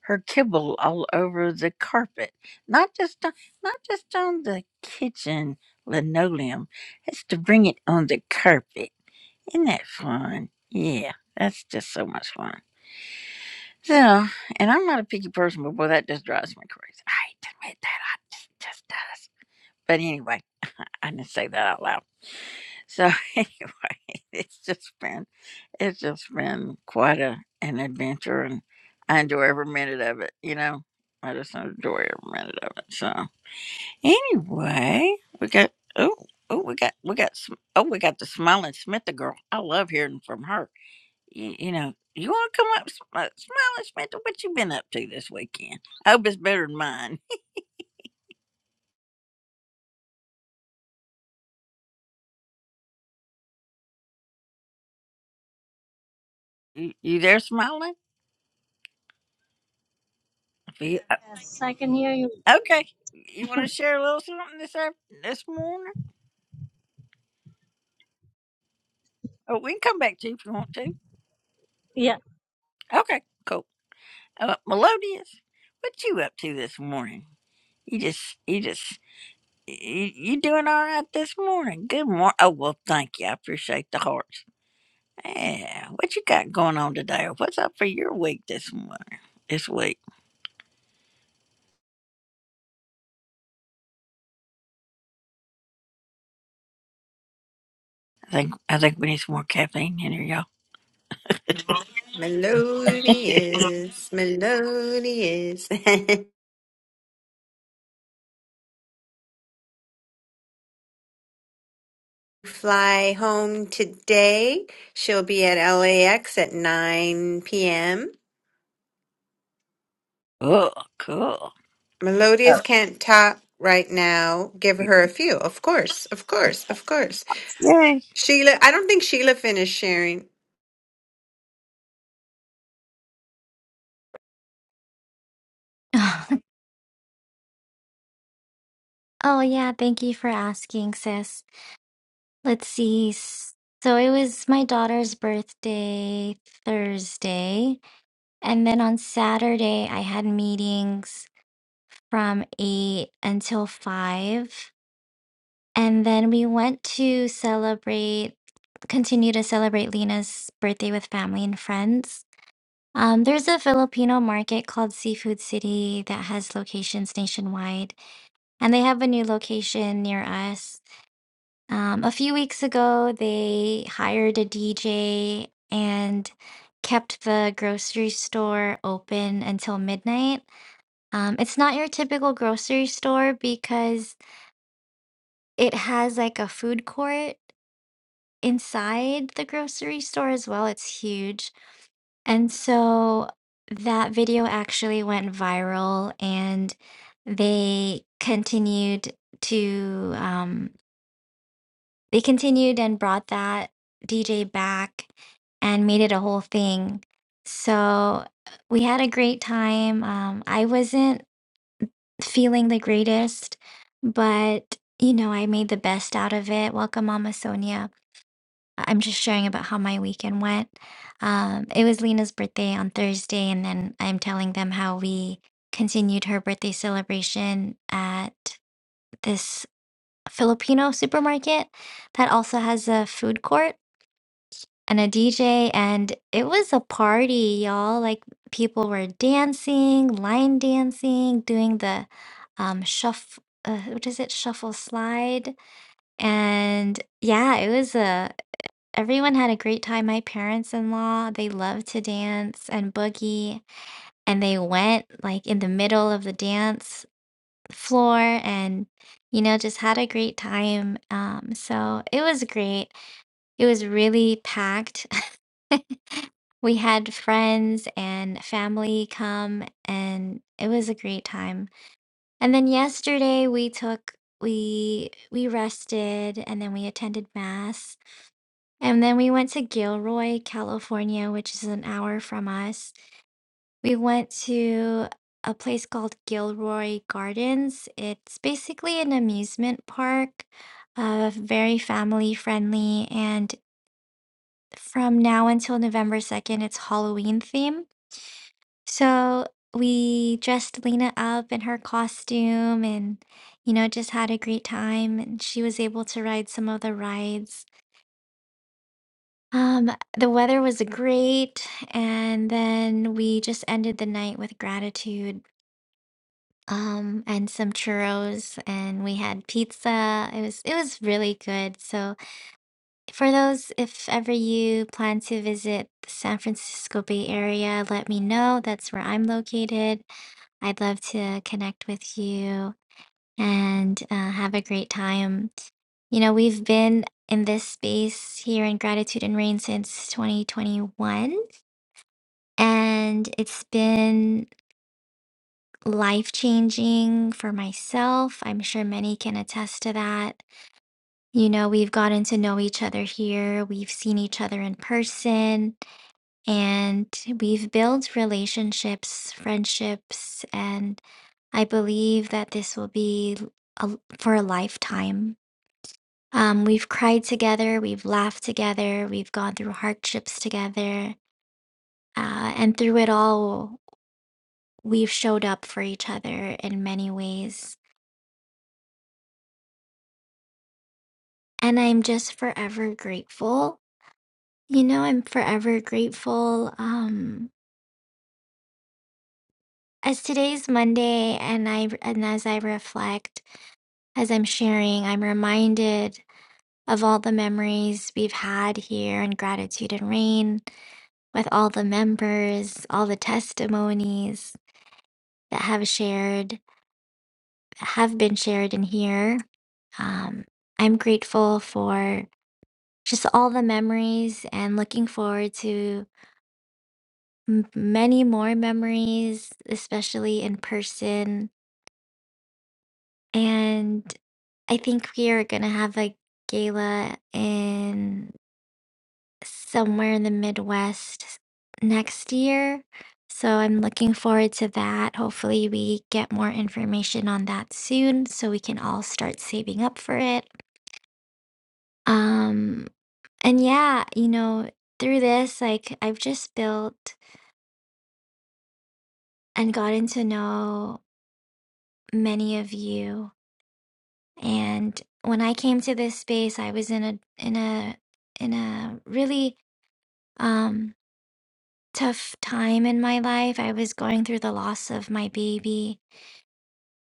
her kibble all over the carpet, not just on, not just on the kitchen linoleum. It's to bring it on the carpet. Isn't that fun? Yeah, that's just so much fun. So, and I'm not a picky person, but boy, that just drives me crazy. I hate to admit that. I just, just does. But anyway, I didn't say that out loud. So [laughs] anyway, it's just been it's just been quite a an adventure, and I enjoy every minute of it. You know, I just enjoy every minute of it. So anyway, we got oh oh we got we got Sm- oh we got the smiling Smitha girl. I love hearing from her. You, you know, you want to come up, Sm- uh, smiling Smitha? What you been up to this weekend? I hope it's better than mine. [laughs] You, you there, smiling? I feel.
Yes, I can hear you.
Okay. You want to share a little something this af- this morning? Oh, we can come back to you if you want to.
Yeah.
Okay, cool. Uh, Melodious, what you up to this morning? You just, you just, you, you doing all right this morning? Good morning. Oh well, thank you. I appreciate the hearts. Yeah, what you got going on today? Or What's up for your week this morning? This week, I think, I think we need some more caffeine in here, y'all.
Melodious, melodious. [laughs] Fly home today. She'll be at LAX at 9 p.m.
Oh, cool.
Melodious
Oh,
can't talk right now. Give
yay!
her a few. Of course, of course, of course.
Sure,
Sheila, I don't think Sheila finished sharing.
[laughs] Oh, yeah, thank you for asking, sis. Let's see. s- So it was my daughter's birthday Thursday, and then on Saturday I had meetings from 8 until 5, and then we went to celebrate continue to celebrate Lena's birthday with family and friends. Um, there's a Filipino market called Seafood City that has locations nationwide. and they have a new location near us. Um, a few weeks ago, they hired a DJ and kept the grocery store open until midnight. Um, it's not your typical grocery store because it has like a food court inside the grocery store as well. It's huge. And so that video actually went viral and they continued to um, They continued and brought that DJ back and made it a whole thing. So we had a great time. Um, I wasn't feeling the greatest, but you know, I made the best out of it. Welcome, Mama Sonia. I- I'm just sharing about how my weekend went. Um, it was Lena's birthday on Thursday, and then I'm telling them how we continued her birthday celebration at this Filipino supermarket that also has a food court. and a DJ, and it was a party, y'all. Like people were dancing, line dancing, doing the um shuffle. Uh, what is it? Shuffle slide. And yeah, it was a. Everyone had a great time. My parents-in-law, they love to dance and boogie, and they went like in the middle of the dance floor and you know just had a great time. Um, so it was great. It was really packed. [laughs] We had friends and family come, and it was a great time. And then yesterday we took we we rested, and then we attended mass, and then we went to Gilroy, California, which is an hour from us. We went to a place called Gilroy Gardens. It's basically an amusement park, uh, very family friendly, and from now until November 2nd, it's Halloween theme. So we dressed Lena up in her costume and, you know, just had a great time. And she was able to ride some of the rides. Um, the weather was great. And then we just ended the night with gratitude. Um, and some churros and we had pizza. It was it was really good. So For those, if ever you plan to visit the San Francisco Bay Area, let me know. That's where I'm located. I'd love to connect with you and uh, have a great time. You know, we've been in this space here in Gratitude and Rain since 2021, and it's been life changing for myself. I'm sure many can attest to that. You know, we've gotten to know each other here, we've seen each other in person And we've built relationships, friendships, and I believe that this will be a, for a lifetime. Um, we've cried together, we've laughed together, we've gone through hardships together, uh, and through it all, we've showed up for each other in many ways. And I'm just forever grateful. You know, I'm forever grateful. Um, as today's Monday, and I and as I reflect, As I'm sharing, I'm reminded of all the memories we've had here in Gratitude and Rain with all the members, all the testimonies that have shared, have been shared in here. Um, I'm grateful for just all the memories and looking forward to m- many more memories, especially in person. And I think we are going to have a gala in somewhere in the Midwest next year. So I'm looking forward to that. Hopefully, we get more information on that soon so we can all start saving up for it. Um, and yeah, you know, through this, like I've just built and gotten to know many of you. And when I came to this space, I was in a in a in a really um tough time in my life. I was going through the loss of my baby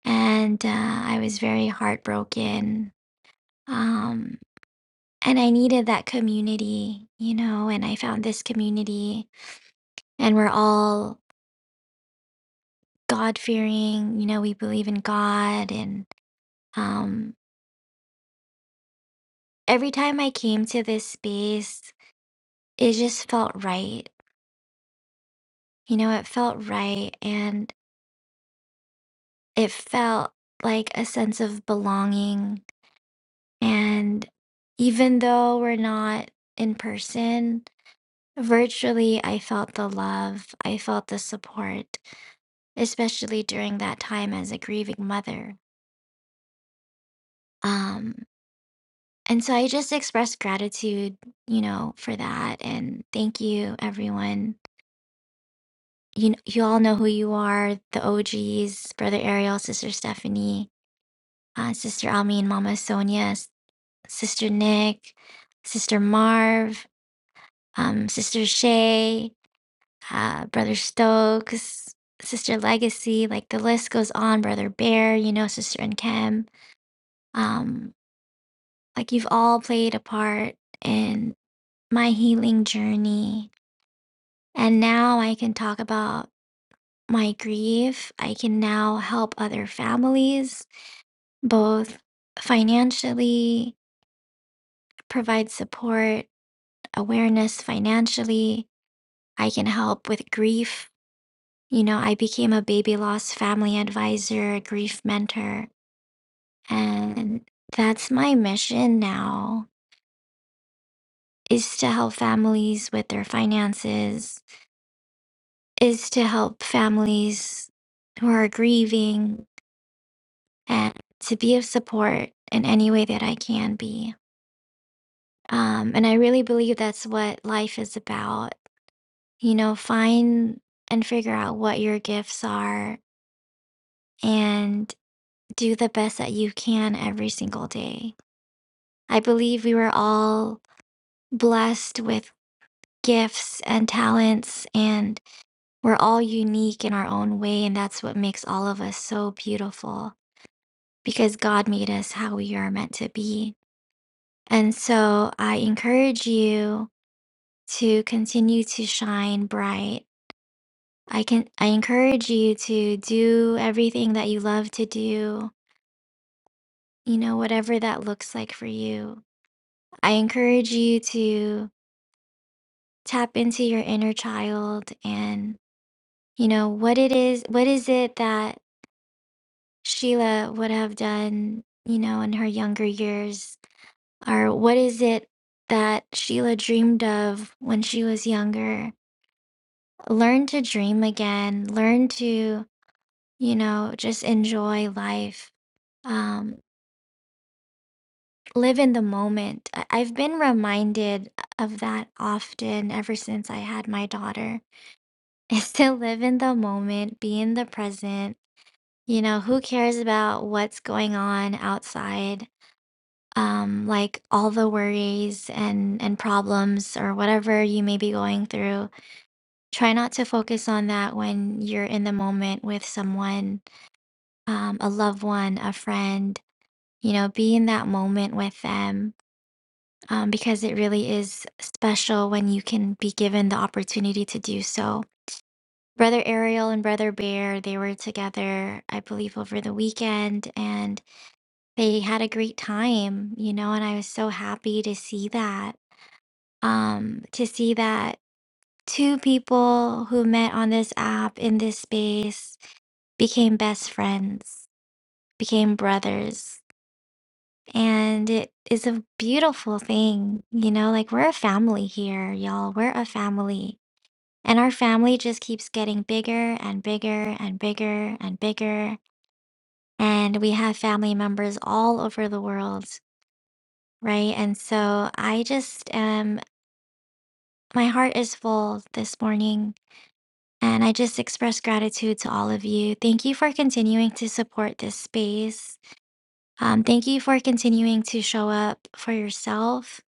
and uh, I was very heartbroken. Um, and I needed that community, you know, and I found this community, and we're all God fearing, you know, we believe in God. And um, every time I came to this space, it just felt right. You know, it felt right and it felt like a sense of belonging And even though we're not in person, virtually, I felt the love, I felt the support, especially during that time as a grieving mother. Um, and so I just expressed gratitude, you know, for that. And thank you, everyone. You, you all know who you are the OGs, Brother Ariel, Sister Stephanie, uh, Sister Almi and Mama Sonia, S- Sister Nick, Sister Marv, um, Sister Shay, uh, Brother Stokes, Sister Legacy, like the list goes on. Brother Bear, you know, Sister and Kim. Um, like you've all played a part in my healing journey. And now I can talk about my grief. I can now help other families, both financially, provide support, awareness financially. I can help with grief. You know, I became a baby loss family advisor, a grief mentor And that's my mission now is to help families with their finances, is to help families who are grieving and to be of support in any way that I can be. Um, and I really believe that's what life is about. You know, find and figure out what your gifts are and do the best that you can every single day. I believe we were all blessed with gifts and talents, and we're all unique in our own way. And that's what makes all of us so beautiful because God made us how we are meant to be. And so I encourage you to continue to shine bright. I can I encourage you to do everything that you love to do, you know, whatever that looks like for you. I encourage you to tap into your inner child and you know what it is what is it that Sheila would have done, you know, in her younger years? Or what is it that Sheila dreamed of when she was younger? Learn to dream again, learn to, you know, just enjoy life, um, live in the moment. I- I've been reminded of that often ever since I had my daughter [laughs] is to live in the moment, be in the present. You know, who cares about what's going on outside? um, like all the worries and and problems or whatever you may be going through. Try not to focus on that when you're in the moment with someone, um, a loved one, a friend. You know, be in that moment with them um, because it really is special when you can be given the opportunity to do so. Brother Ariel and Brother Bear, they were together, I believe, over the weekend, and they had a great time, you know, and I was so happy to see that. um, to see that two people who met on this app in this space became best friends, became brothers. And it is a beautiful thing, you know, like we're a family here, y'all. We're a family. And our family just keeps getting bigger and bigger and bigger and bigger. And we have family members all over the world, right? And so I just um my heart is full this morning And I just express gratitude to all of you. Thank you for continuing to support this space. Um, thank you for continuing to show up for yourself.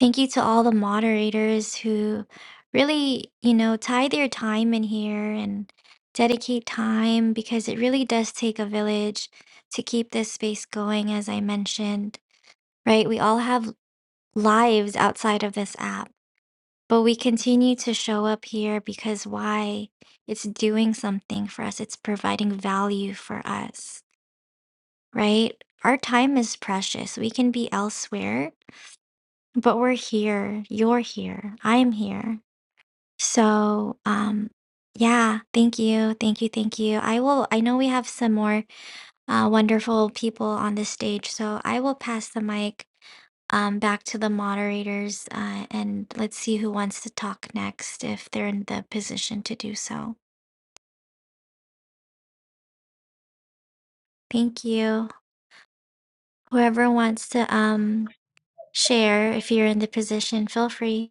Thank you to all the moderators who really, you know, tie their time in here and dedicate time because it really does take a village to keep this space going, as I mentioned, right? We all have lives outside of this app but we continue to show up here because why? It's doing something for us, it's providing value for us, right? Our time is precious. We can be elsewhere, but we're here. You're here. I'm here. So, um, yeah, thank you. Thank you. Thank you. I will, I know we have some more uh, wonderful people on this stage. So I will pass the mic um, back to the moderators uh, and let's see who wants to talk next if they're in the position to do so. Thank you. Whoever wants to um, share, if you're in the position, feel free.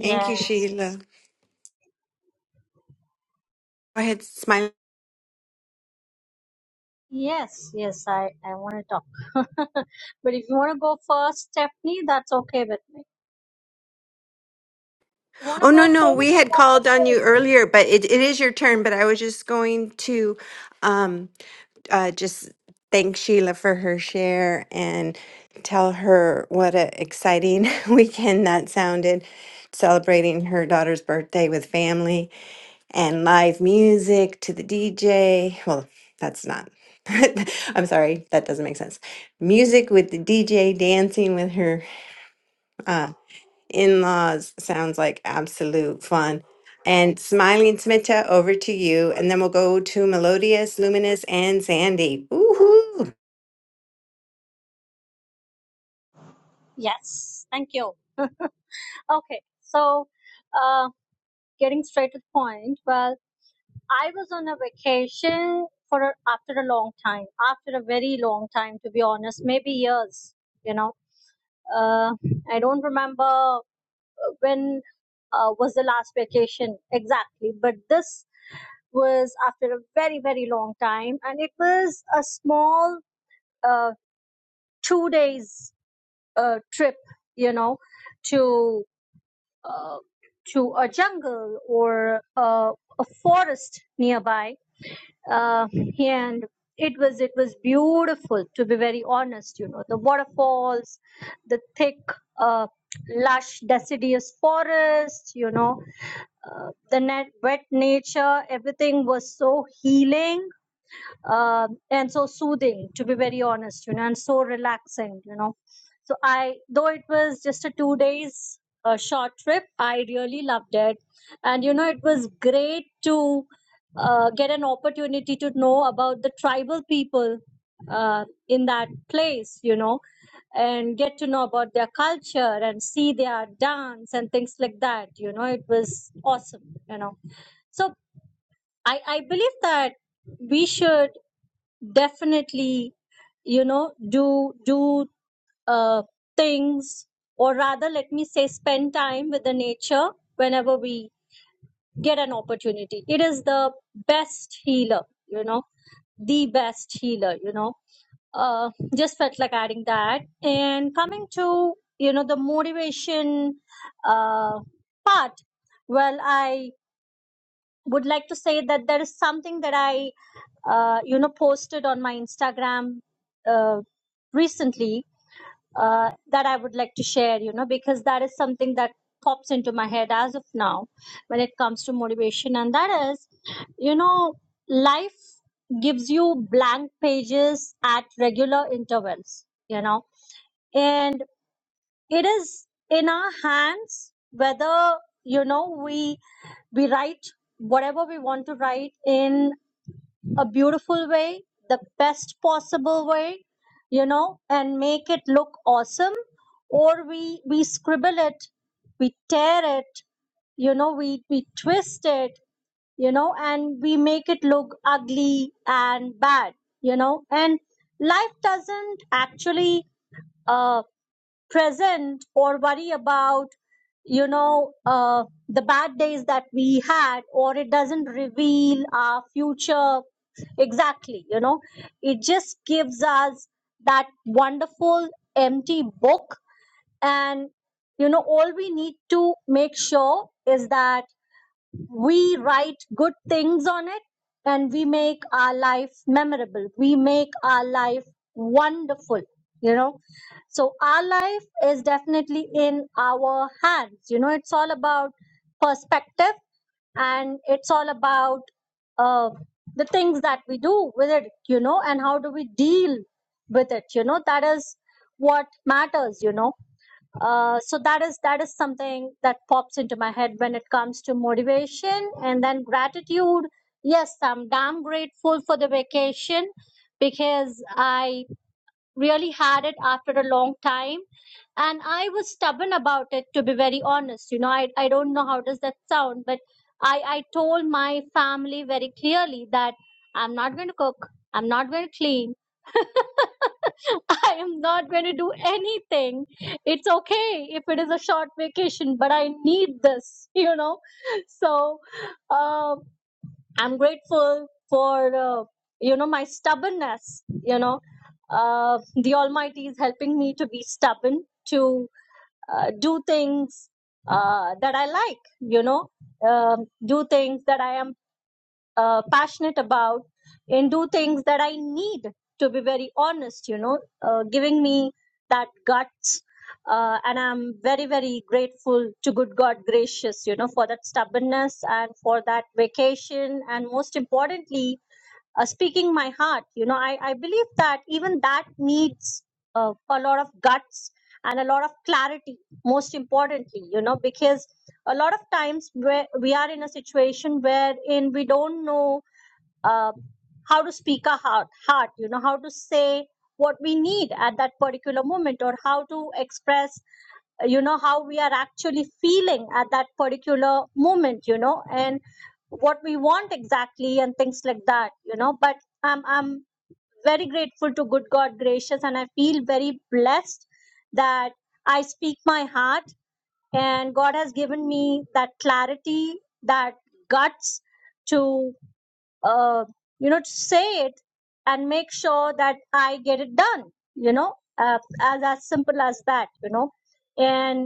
Thank you, Sheila. Go ahead,
Yes. Yes. I, I want to talk. [laughs] but if you want to go first, Stephanie, that's okay with me. You want to
Oh,
go
no,
first?
no. We had
That's
called
okay
on you earlier, but it, it is your turn. But I was just going to um, uh, just thank Sheila for her share and tell her what an exciting [laughs] weekend that sounded, celebrating her daughter's birthday with family and live music to the DJ. Well, that's not. [laughs] I'm sorry, that doesn't make sense. Music with the DJ, dancing with her. uh, in-laws sounds like absolute fun. And Smiling Smita, over to you, and then we'll go to Melodious, Luminous, and Sandy. Woohoo!
Yes. Thank you. Okay. So, uh, getting straight to the point. Well, I was on a vacation for a, after a long time, after a very long time, to be honest, maybe years, you know. Uh, I don't remember when uh, was the last vacation exactly but this was after a very very long time and it was a small uh, two days uh, trip you know to uh, to a jungle or uh, a forest nearby uh, and it was it was beautiful to be very honest you know the waterfalls the thick uh, lush deciduous forest you know uh, the net wet nature everything was so healing um, and so soothing to be very honest you know and so relaxing you know so i though it was just a two days uh, short trip i really loved it and you know it was great to uh, get an opportunity to know about the tribal people uh, in that place you know and get to know about their culture and see their dance and things like that you know it was awesome you know so i i believe that we should definitely you know do do uh, things or rather let me say spend time with the nature whenever we get an opportunity it is the best healer you know the best healer you know uh, just felt like adding that and coming to you know the motivation uh, part well i would like to say that there is something that i uh, you know posted on my Instagram uh, recently uh, that I would like to share. You know because that is something that pops into my head as of now when it comes to motivation, and that is you know life gives you blank pages at regular intervals. You know and it is in our hands whether you know we we write whatever we want to write in a beautiful way, the best possible way, you know, and make it look awesome, or we we scribble it, we tear it, you know, we we twist it, you know, and we make it look ugly and bad, you know, and life doesn't actually uh, present or worry about you know uh, the bad days that we had or it doesn't reveal our future exactly you know it just gives us that wonderful empty book and you know all we need to make sure is that we write good things on it and we make our life memorable we make our life wonderful you know so our life is definitely in our hands you know it's all about perspective and it's all about uh, the things that we do with it you know and how do we deal with it you know that is what matters you know uh, so that is that is something that pops into my head when it comes to motivation and then gratitude yes i'm damn grateful for the vacation because i really had it after a long time and i was stubborn about it to be very honest you know i, I don't know how does that sound but i i told my family very clearly that i'm not going to cook i'm not going to clean I am not going to do anything. It's okay if it is a short vacation, but I need this, [laughs] you know. So uh, I'm grateful for, uh, you know, my stubbornness. You know, uh, the Almighty is helping me to be stubborn, to uh, do things uh, that I like, you know, um, do things that I am uh, passionate about and do things that I need to be very honest, you know, uh, giving me that guts. Uh, and I'm very, very grateful to good God gracious, you know, for that stubbornness and for that vacation. And most importantly, uh, speaking my heart you know i i believe that even that needs uh, a lot of guts and a lot of clarity most importantly you know because a lot of times where we are in a situation wherein we don't know uh, how to speak our heart, heart you know how to say what we need at that particular moment or how to express you know how we are actually feeling at that particular moment you know and what we want exactly and things like that you know but i'm i'm very grateful to good god gracious and i feel very blessed that i speak my heart and god has given me that clarity that guts to uh, you know to say it and make sure that i get it done you know uh, as as simple as that you know and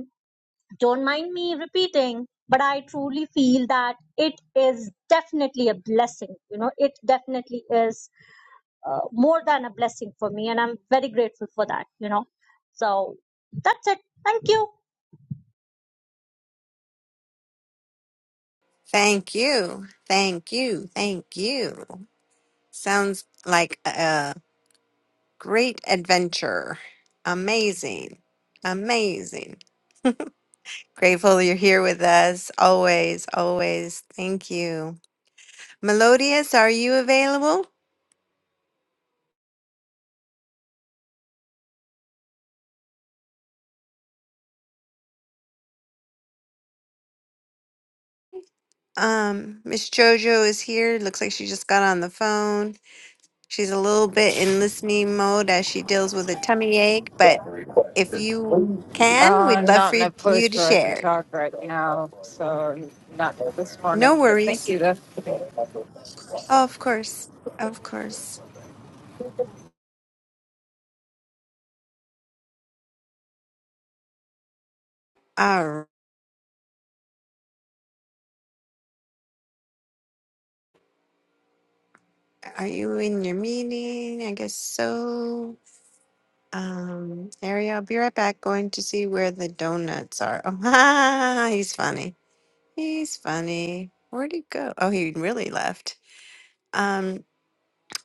don't mind me repeating, but I truly feel that it is definitely a blessing. You know, it definitely is uh, more than a blessing for me, and I'm very grateful for that. You know, so that's it. Thank you.
Thank you. Thank you. Thank you. Sounds like a great adventure. Amazing. Amazing. Grateful you're here with us. Always, always. Thank you. Melodious, are you available? Um, Miss Jojo is here. Looks like she just got on the phone. She's a little bit in listening mode as she deals with a tummy ache, but if you
Uh,
can, we'd
I'm
love
not
for
in a
you
place
to
where I can
share.
talk right now, so not this morning,
No
but thank
worries.
you though.
Oh, of course. Of course. Are, are you in your meeting? I guess so. Um, Ariel, I'll be right back. Going to see where the donuts are. Oh, [laughs] he's funny. He's funny. Where'd he go? Oh, he really left. Um,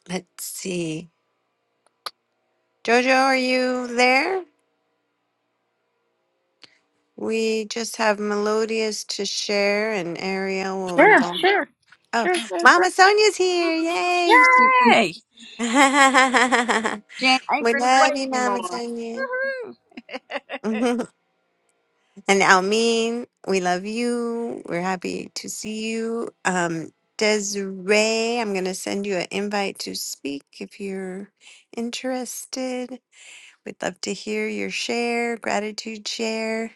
let's see. Jojo, are you there? We just have Melodious to share, and Ariel will be
sure,
back.
sure,
Oh,
sure, sure.
Mama Sonia's here! Yay!
Yay!
[laughs]
Jan ain't
we
gonna
love
away
you, Mama
anymore.
Sonia. [laughs]
Woohoo!
and Almin, we love you. We're happy to see you. Um, Desiree, I'm going to send you an invite to speak if you're interested. We'd love to hear your share, gratitude share.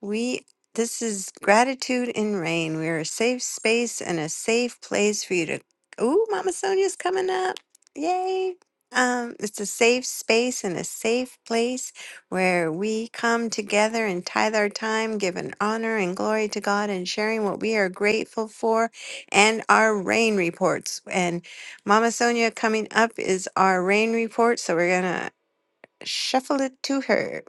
We this is gratitude in rain. We're a safe space and a safe place for you to. Ooh, Mama Sonia's coming up! Yay! Um, it's a safe space and a safe place where we come together and tithe our time, giving honor and glory to God, and sharing what we are grateful for, and our rain reports. And Mama Sonia coming up is our rain report, so we're gonna shuffle it to her.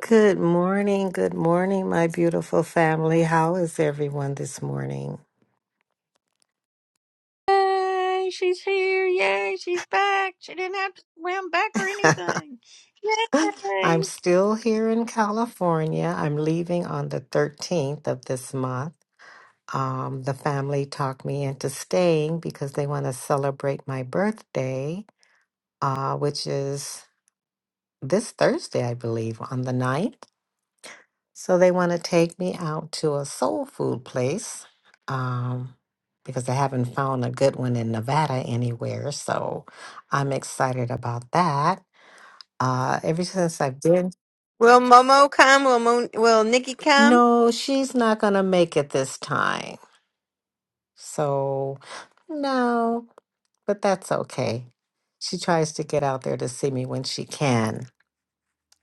Good morning. Good morning, my beautiful family. How is everyone this morning?
[laughs] Yay, she's here. Yay, she's back. She didn't have to swim back or anything.
[laughs]
Yay!
I'm still here in California. I'm leaving on the 13th of this month. Um, the family talked me into staying because they want to celebrate my birthday, uh, which is this Thursday, I believe, on the ninth. So they want to take me out to a soul food place um, because I haven't found a good one in Nevada anywhere. So I'm excited about that. Uh, ever since I've been,
Will Momo come? Will Mo- Will Nikki come?
no, she's not going to make it this time. So no, but that's okay. She tries to get out there to see me when she can.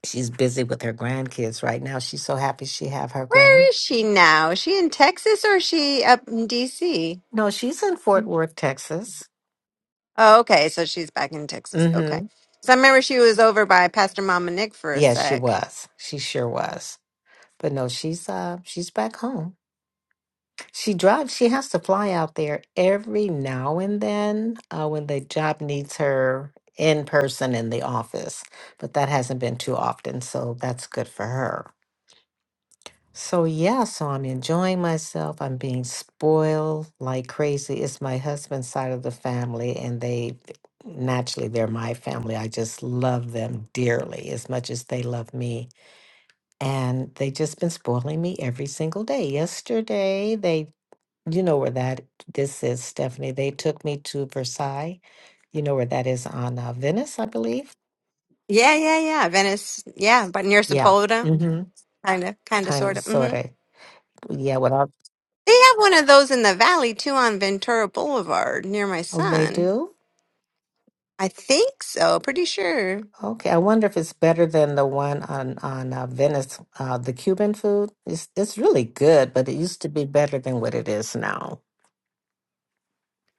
She's busy with her grandkids right now. She's so happy she have her grand.
Where is she now? Is she in Texas or is she up in DC?
No, she's in Fort Worth, Texas.
Oh, okay. So she's back in Texas.
Mm-hmm.
Okay. So I remember she was over by Pastor Mama Nick for a
Yes, she
sec.
was. She sure was. But no, she's uh she's back home. She drives, she has to fly out there every now and then uh, when the job needs her in person in the office. But that hasn't been too often, so that's good for her. So yeah, so I'm enjoying myself. I'm being spoiled like crazy. It's my husband's side of the family and they naturally they're my family. I just love them dearly as much as they love me and they just been spoiling me every single day. Yesterday, they, you know where that this is, Stephanie. They took me to Versailles. You know where that is on uh, Venice, I believe.
Yeah, yeah, yeah. Venice. Yeah, but near
Yeah.
Sepulveda.
Mm-hmm.
Kind of, kind of,
Kind of,
sort of. hmm
sort
They
of. Yeah. What else?
have one of those in the valley too on Ventura Boulevard near my
Oh, they
son.
do.
I think so. Pretty sure.
Okay. I wonder if it's better than the one on on uh, Venice, uh, the Cuban food. It's it's really good, but it used to be better than what it is now.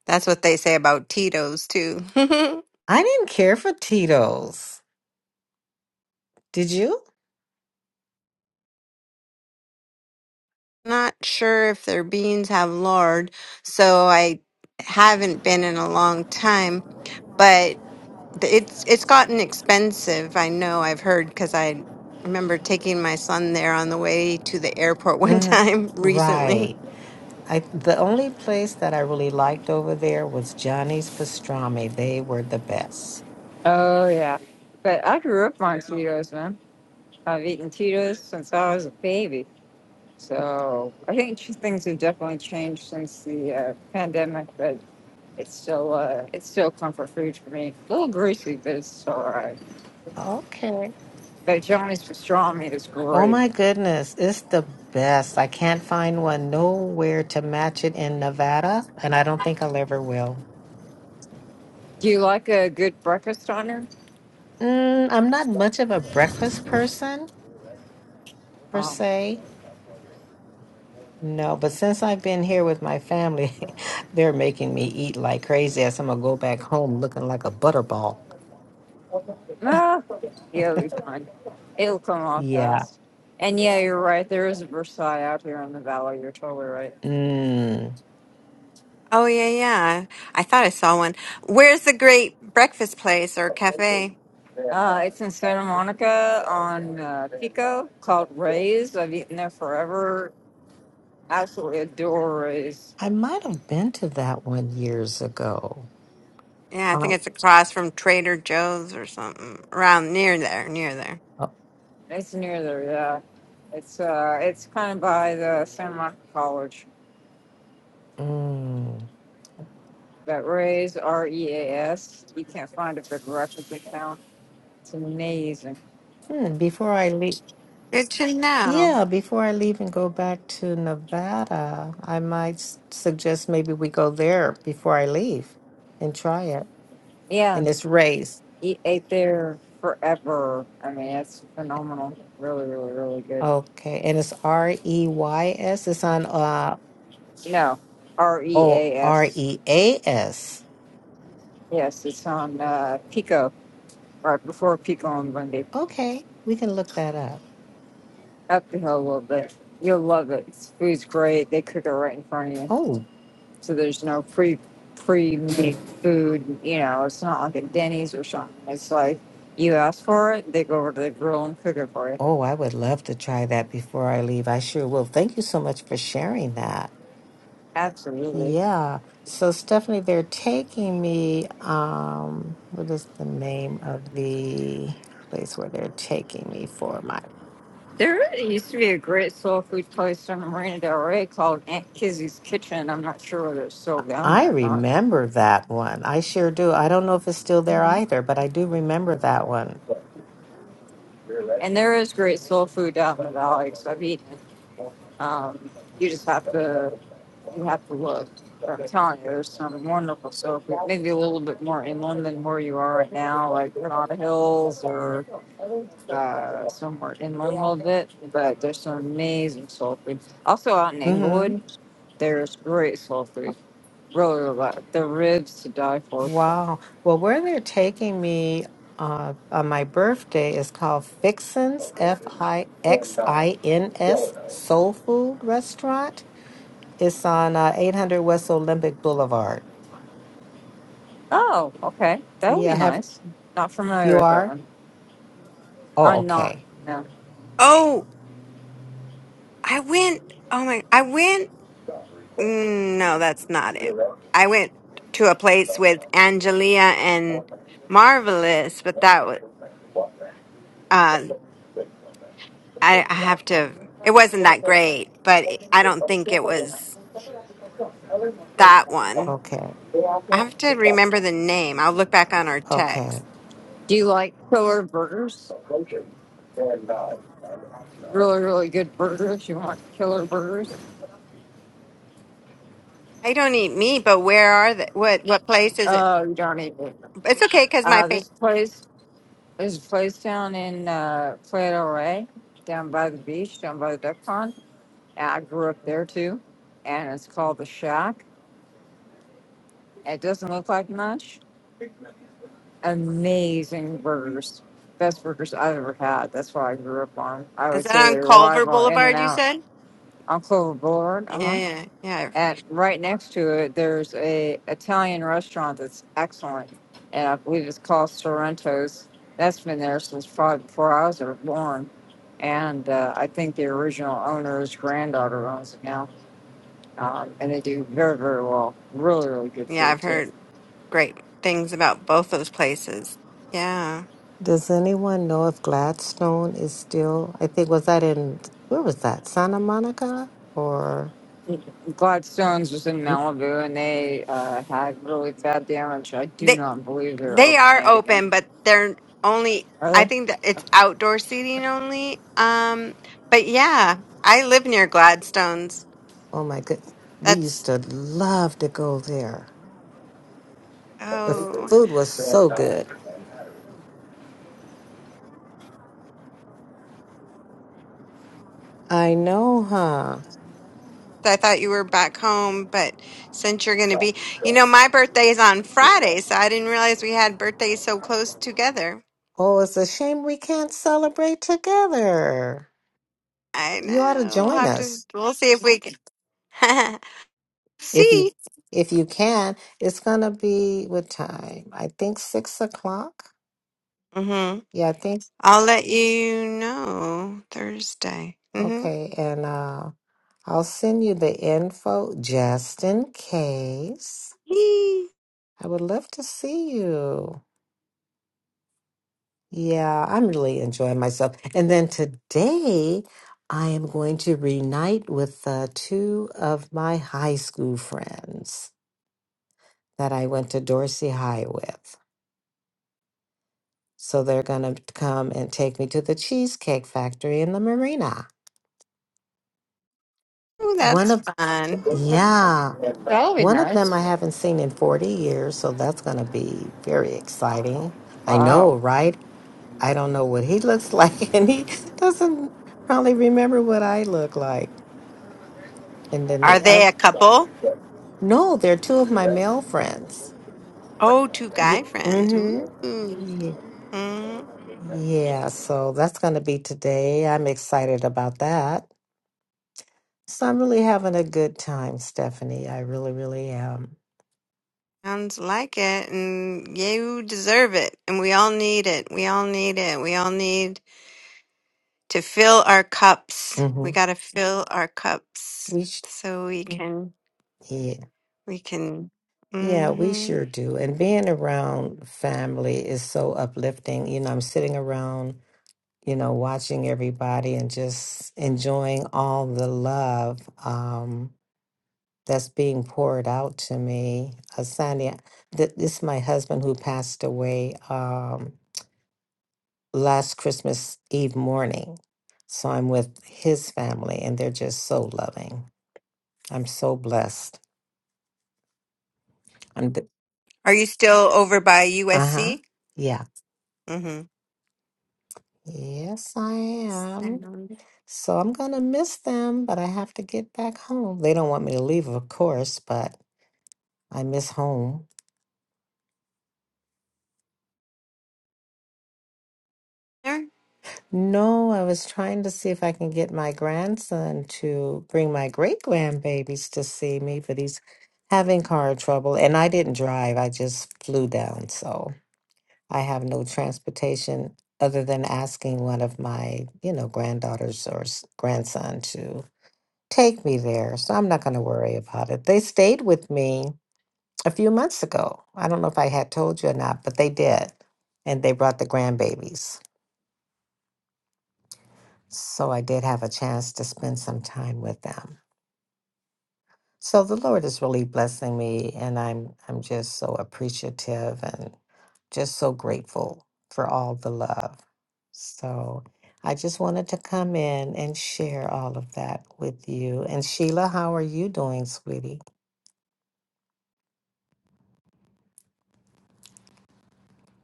That's what they say about Tito's too. [laughs]
I didn't care for Tito's. Did you?
not sure if their beans have lard, so I haven't been in a long time, but th- it's it's gotten expensive. I know I've heard because I remember taking my son there on the way to the airport [laughs] one
hmm
time recently.
Right. I the only place that I really liked over there was Johnny's Pastrami. They were the best.
Oh, yeah. But I grew up on Cheetos, man. I've eaten Cheetos since I was a baby. So I think ch- things have definitely changed since the uh, pandemic, but it's still uh, it's still comfort food for me. A little greasy, but it's still all right.
Okay.
But Johnny's pastrami is
Oh
great.
my goodness, it's the best. I can't find one nowhere to match it in Nevada, and I don't think I'll ever will.
Do you like a good breakfast on
Mm, I'm not much of a breakfast person per
her?
se. No, but since I've been here with my family, [laughs] they're making me eat like crazy. As I'm gonna go back home looking like a butterball.
Ah, you'll be fine. It'll come off
Yeah.
fast. And yeah, you're right. There is a Versailles out here in the valley. You're totally right.
Mm.
Oh yeah, yeah. I thought I saw one. Where's the great breakfast place or cafe?
Uh, it's in Santa Monica on uh, Pico called Ray's. I've eaten there forever. Absolutely adore Ray's.
I might have been to that one years ago.
Yeah, I think
Oh.
it's across from Trader Joe's or something around near there, near there.
oh,
It's near there, yeah. It's uh, it's kind of by the Santa Monica College.
mm.
But Ray's, R E A S. You can't find a big replica town. It's amazing.
Hmm, before I leave,
Good to know.
yeah, before I leave and go back to Nevada, I might s- suggest maybe we go there before I leave and try it.
Yeah,
And it's Ray's.
He ate there forever. I mean, that's phenomenal. Really, really, really good.
Okay. And it's R E Y S. It's on uh
No, R E
O
A
R
S.
E A S.
Yes, it's on uh, Pico, right before Pico on Bundy.
Okay. We can look that up.
Up the hill a little bit. You'll love it. It's, food's great. They cook it right in front of you,
Oh,
so there's no pre pre made food. You know, it's not like a Denny's or something. It's like you ask for it, they go over to the grill and cook it for you.
oh, I would love to try that before I leave. I sure will. Thank you so much for sharing that.
Absolutely.
Yeah. So Stephanie, they're taking me, um, what is the name of the place where they're taking me for my
There really used to be a great soul food place in Marina Del Rey called Aunt Kizzy's Kitchen. I'm not sure whether it's still down
I
there or not.
remember that one. I sure do. I don't know if it's still there
Mhm.
either, but I do remember that one.
And there is great soul food down in the valley, so I've eaten. it. Um, you just have to you have to look. But I'm telling you, there's some wonderful soul food. Maybe a little bit more inland than where you are right now, like Granada Hills or uh, somewhere inland a little bit. But there's some amazing soul food. Also out in
Mm-hmm.
Inglewood, there's great soul food. roller ro- the ribs to die for.
Wow. Well, where they're taking me uh, on my birthday is called Fixin's, F I X I N S Soul Food Restaurant. It's on uh, 800 West Olympic Boulevard.
Oh, okay, that would be
Yeah, have
nice. Not familiar
you
with that
are?
one.
Oh,
I'm not.
okay.
No.
Oh, I went. Oh my! I went Mm, No, that's not it. I went to a place with Angelia and Marvelous, but that was uh, I, I have to. It wasn't that great, but it, I don't think it was that one.
Okay.
I have to remember the name. I'll look back on our
Okay.
text.
Do you like killer burgers? Really, really good burgers. You want killer burgers?
I don't eat meat, but where are the what what place is it?
Oh, you don't eat meat.
It's okay because my
Uh,
fa-
this place, there's a place down in uh, Playa del Rey, down by the beach, down by the duck pond. And I grew up there too, and it's called the Shack. It doesn't look like much, amazing burgers. Best burgers I've ever had. That's what I grew up on. I
is
would
that
say
on
they
Culver
arrive In and
Boulevard? You
Out
said
on Clover Boulevard. Uh huh.
yeah, yeah, yeah, I've,
And right next to it, there's a Italian restaurant that's excellent, and I believe it's called Sorrento's. That's been there since probably before I was ever born, and uh, I think the original owner's granddaughter owns it now. Um, and they do very, very well. Really, really good
yeah.
food
I've
too.
heard great things about both those places. Yeah.
Does anyone know if Gladstone is still? I think was that in where was that? Santa Monica or
Gladstone's was in
Mm.
Malibu and they uh, had really bad damage. I do not believe they're
They
opening
are
it again.
open, but they're only,
Are
I
they?
think that it's outdoor seating only. Um, but yeah, I live near Gladstone's.
oh my good. We used
That's,
to love to go there. The
oh,
food was so good. I know, huh?
so I thought you were back home, but since you're going to be, you know, my birthday is on Friday, so I didn't realize we had birthdays so close together.
Oh, it's a shame we can't celebrate together.
I
You ought to
know. We'll
join
have
us.
to, we'll see if we can. [laughs]
If you
see.
if you can, it's gonna be what time? I think six o'clock.
Mm-hmm.
Yeah, I think
I'll let you know Thursday. Mm-hmm.
okay, and uh I'll send you the info just in case.
Yee.
I would love to see you. Yeah, I'm really enjoying myself. And then today I am going to reunite with uh, two of my high school friends that I went to Dorsey High with. So they're going to come and take me to the Cheesecake Factory in the marina.
Oh,
One
that's
of,
fun.
yeah,
That'll be
one of them
nice.
I haven't seen in 40 years. So that's going to be very exciting. I
Wow.
know, right? I don't know what he looks like, [laughs] and he doesn't probably remember what I look like. And then
Are
the other,
they a couple?
no, they're two of my male friends.
Oh, two
Yeah,
guy friends. Ooh.
mm-hmm. Yeah,
Mm,
yeah, so that's going to be today. I'm excited about that. So I'm really having a good time, Stephanie. I really, really am.
sounds like it. And you deserve it. And we all need it. We all need it. We all need to fill our cups.
hmm
We got to fill our cups
We sh-
so we Mm. can,
yeah,
we can.
yeah, we
hmm
sure do. And being around family is so uplifting. You know, I'm sitting around, you know, watching everybody and just enjoying all the love um, that's being poured out to me. Asanya, th- this is my husband who passed away. Um, last Christmas Eve morning. So I'm with his family and they're just so loving. I'm so blessed. I'm d
Are you still over by
uh-huh.
USC?
Yeah.
Mm-hmm.
Yes, I am.
Sounds
So I'm gonna miss them, but I have to get back home. They don't want me to leave, of course, but I miss home.
there.
No, I was trying to see if I can get my grandson to bring my great grandbabies to see me, but he's having car trouble. And I didn't drive, I just flew down, so. I have no transportation other than asking one of my, you know, granddaughters or s- grandson to take me there. So I'm not going to worry about it. They stayed with me a few months ago. I don't know if I had told you or not, but they did. And they brought the grandbabies. So I did have a chance to spend some time with them. So the Lord is really blessing me, and I'm I'm just so appreciative and just so grateful for all the love. So I just wanted to come in and share all of that with you. And Sheila, how are you doing, sweetie?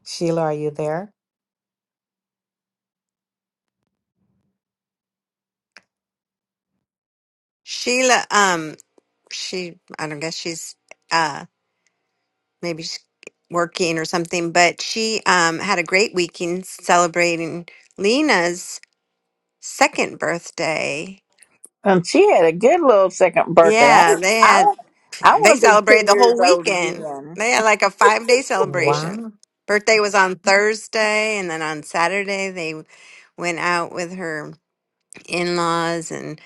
Sheila, are you there?
Sheila, um, she, I don't guess she's, uh, maybe she's working or something, but she um, had a great weekend celebrating Lena's second birthday.
And she had a good little second birthday. I,
Yeah, they had
I, I
they
want to be
celebrated
two
the whole
years old
weekend.
again.
They had like a five day celebration.
Wow.
Birthday was on Mhm. Thursday, and then on Saturday they w- went out with her in laws, and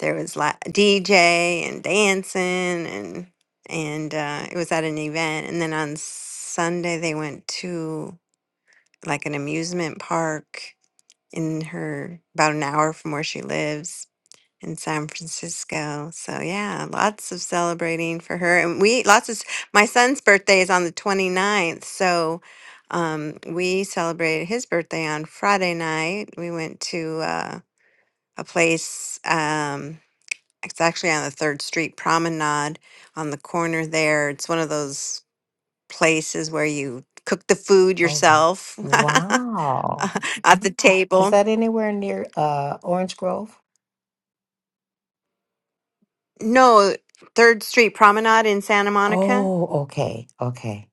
there was la- DJ and dancing, and and uh, it was at an event. And then on Sunday they went to like an amusement park in her about an hour from where she lives in San Francisco. So yeah, lots of celebrating for her and we lots of s- my son's birthday is on the 29th. So um we celebrated his birthday on Friday night. We went to uh, a place um it's actually on the 3rd Street Promenade on the corner there. It's one of those places where you cook the food
Oh, wow.
yourself. [laughs]
Wow.
[laughs] at the
Is
table.
that anywhere near uh, Orange Grove?
No, Third Street Promenade in Santa Monica.
Oh, okay. Okay.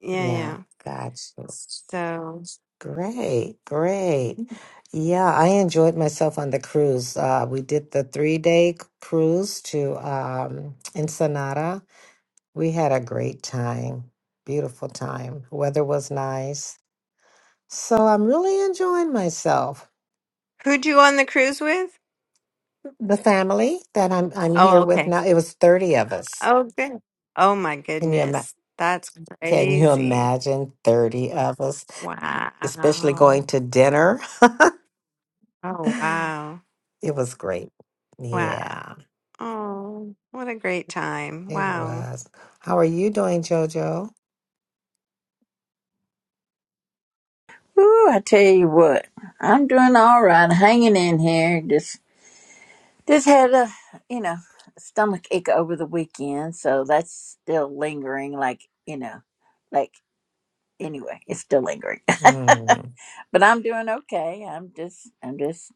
Yeah,
Yeah.
yeah.
Gotcha.
So
Great, great. Yeah, I enjoyed myself on the cruise. Uh, we did the three day c- cruise to um, Ensenada. We had a great time, beautiful time. Weather was nice. So I'm really enjoying myself.
who'd you on the cruise with?
The family that I'm I'm here
Oh,
with
okay.
now, it was 30 of us.
Oh, good. Oh my
Can you ima-
goodness, that's
can you
crazy.
imagine 30 of us, especially
Wow.
going to dinner? [sighs]
Oh
[laughs]
wow.
It was great.
Wow.
Yeah.
Oh, what a great time.
It
Wow.
was. How are you doing, JoJo?
Ooh, I tell you what, I'm doing all right, hanging in here. Just, just had a, you know, stomach ache over the weekend, so that's still lingering. Like, you know, like. anyway, it's still lingering. [laughs]
Mm.
but I'm doing okay. I'm just I'm just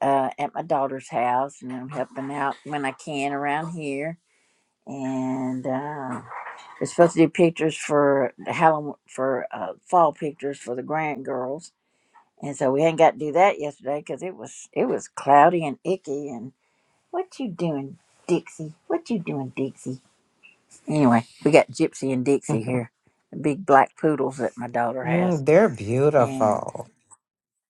uh, at my daughter's house and I'm helping out when I can around here. And uh, we're supposed to do pictures for the Halloween for uh, fall pictures for the grand girls. And so we hadn't got to do that yesterday because it was it was cloudy and icky. And what you doing, Dixie? What you doing, Dixie? Anyway, we got Gypsy and Dixie
[laughs]
here, the big black poodles that my daughter has.
Mm, they're
and.
beautiful.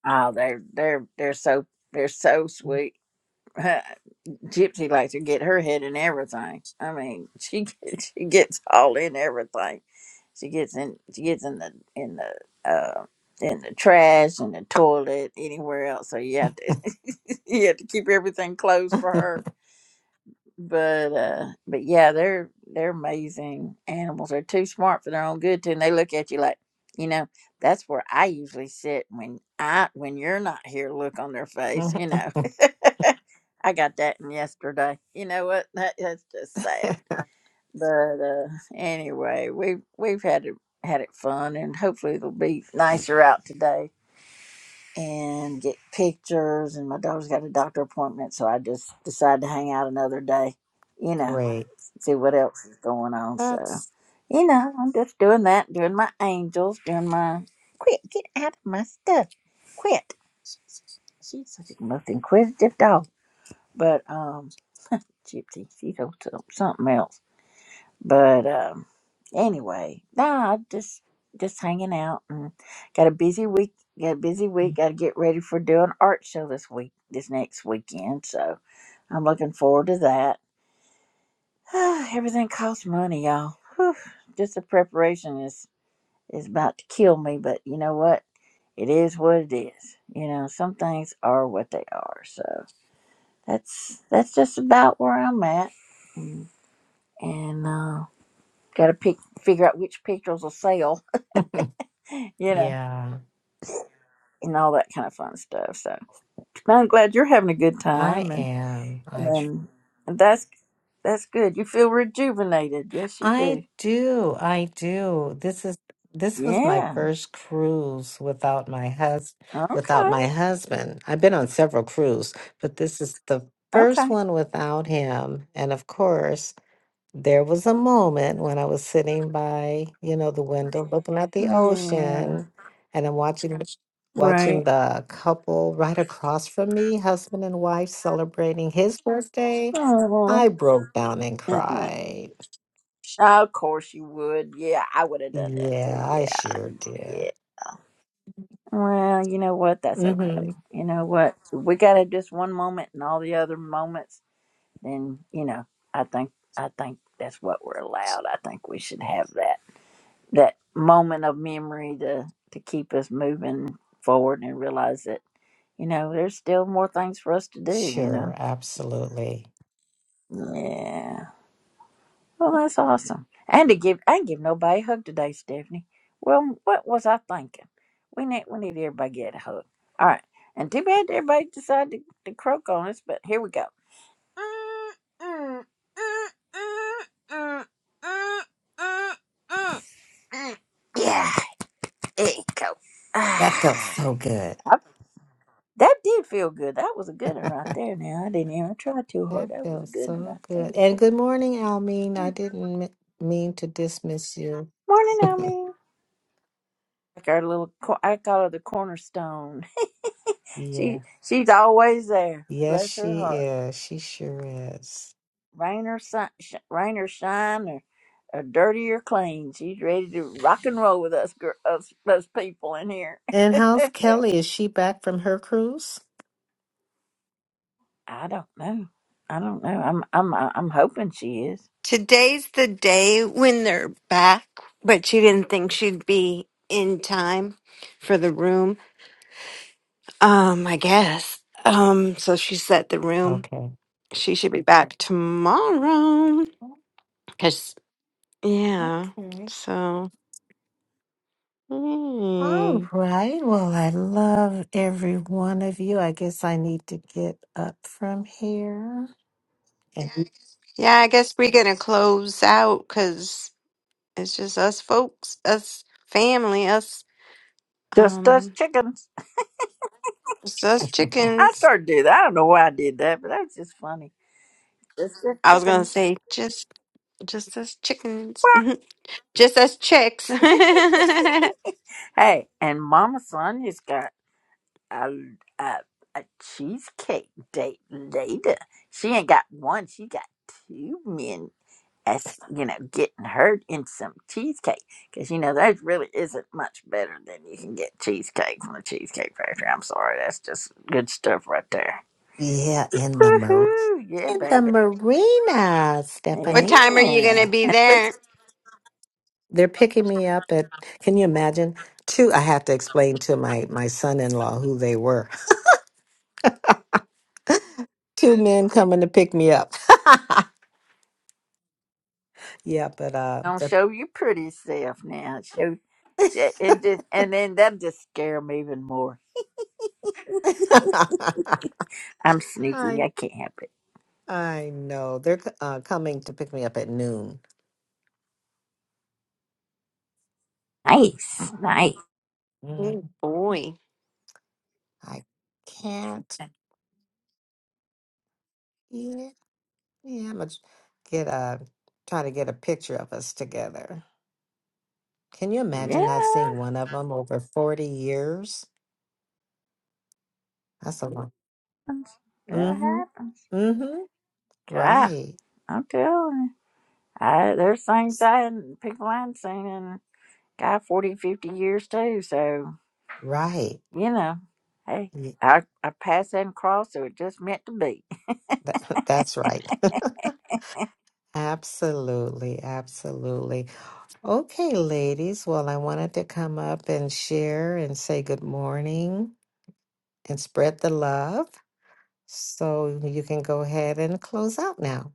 Oh, they're they're they're so they're so sweet. [laughs] Gypsy likes to get her head in everything. I mean, she [laughs] gets- she gets all in everything. She gets in she gets in the in the uh, in the trash in the toilet anywhere else. So you have to [laughs] you have to keep everything
[laughs]
closed for her but uh but yeah they're they're amazing animals they're too smart for their own good too and they look at you like you know that's where i usually sit when i when you're not here look on their face
Mhm.
you know [laughs] i got that in yesterday you know what that, that's just sad but uh anyway we've we've had it had it fun and hopefully it'll be nicer out today and get pictures and my daughter's got a doctor appointment so i just decided to hang out another day you know
Great.
see what else is going on. So,
That's,
you know, I'm just doing that, doing my angels, doing my quit, get out of my stuff, quit. She's such a most inquisitive dog, but um, Gypsy, she's on to- something else. But um, anyway, nah, just just hanging out and got a busy week. Got a busy week. Got to get ready for doing art show this week, this next weekend. So I'm looking forward to that [sighs] Everything costs money, y'all. Whew. Just the preparation is is about to kill me, but you know what? It is what it is. You know, some things are what they are. So that's that's just about where I'm at, Mm. and uh, got to pick figure out which pictures will sell. [laughs] You know,
yeah,
and all that kind of fun stuff. So I'm glad you're having a good
I
time, and
am. I
and that's that's good. You feel rejuvenated. Yes, you
I
do.
do. I do. This is this was my
Yeah.
first cruise without my hus without
Okay.
my husband. I've been on several cruises, but this is the first
Okay.
one without him. And of course, there was a moment when I was sitting by, you know, the window looking at the
Yeah.
ocean and I'm watching the- watching
Right.
the couple right across from me, husband and wife celebrating his birthday.
Oh.
I broke down and cried.
Of course you would. Yeah, I would have done that too.
Yeah, I
Yeah.
sure did.
Yeah. Well, you know what? That's okay.
Mm-hmm.
You know what? If we got to just one moment and all the other moments, then, you know, I think I think that's what we're allowed. I think we should have that that moment of memory to to keep us moving forward and realize that, you know, there's still more things for us to do, you know.
Sure, absolutely.
Yeah. Well, that's awesome. And to give, I didn't give nobody a hug today, Stephanie. Well, what was I thinking? We need, we need everybody to get a hug. All right. And too bad everybody decided to, to croak on us, but here we go. Yeah, there you go. [sighs]
That felt
Ah,
so good.
I- that did feel good. That was a good one right there. Now I didn't even try too hard.
That
That was a
felt
good one
so
right there.
good. And good morning, Almeen. I didn't m- mean to dismiss you.
Morning,
[laughs]
Naomi. like our little co- I call her the cornerstone. [laughs]
yeah.
She she's always there.
Yes,
Bless her
she
heart.
is. She sure is.
Rain or sun, sh- rain or shine, or, or dirty or clean, she's ready to rock and roll with us, gir- us, us people in here.
And how's
[laughs]
Kelly? Is she back from her cruise?
I don't know. I don't know. I'm I'm I'm hoping she is.
Today's the day when they're back, but she didn't think she'd be in time for the room. Um, I guess. Um, so she set the room.
Okay.
She should be back tomorrow.
Oh,
Cause yeah.
Okay.
So
All
hmm.
right. Well, I love every one of you. I guess I need to get up from here. And-
yeah, I guess we're gonna close out because it's just us folks, us family, us
Just us
um
chickens.
it's us
[laughs]
I
chickens.
started to do that. I don't know why I did that, but that was just funny. Just us
I was gonna
chickens.
say just just as chickens, [laughs] just as chicks. [laughs]
[laughs]
what
hey, and Mama Sonia's got a, a, a cheesecake date later. She ain't got one, she got two men as you know, getting her in some cheesecake. Because you know, that really isn't much better than you can get cheesecake from the Cheesecake Factory. I'm sorry, that's just good stuff right there.
Yeah, in the mar-
Woohoo! Yeah,
in the
baby.
marina, Stephanie.
time are you
Yeah.
gonna be there?
They're picking me up at. Can you imagine? Two. I have to explain to my my son in law who they were. [laughs] Two men coming to pick me up. [laughs] Yeah, but uh,
Don't
they're,
show your pretty self now. Show sh- and, just, and then that'll just scare 'em even more.
[laughs]
I'm sneaky.
I
I can't help it.
I know they're c- uh, coming to pick me up at noon.
Nice, nice.
Mm,
Oh boy,
I can't. Yeah, yeah. I'm gonna get a try to get a picture of us together. Can you
Yeah,
imagine not seeing
it
one of them over 40 years? That's a lot.
happens. It
Mm-hmm.
happens.
Mm-hmm.
God,
Right.
I'm telling you. I, there's things I hadn't, people I hadn't seen in, God, 40, 50 years too. So,
Right.
you know, hey,
Y-
I, I passed that across, so it just meant to be.
that- [laughs] that's right. Absolutely. Absolutely. Okay, ladies. Well, I wanted to come up and share and say good morning and spread the love. So you can go ahead and close out now.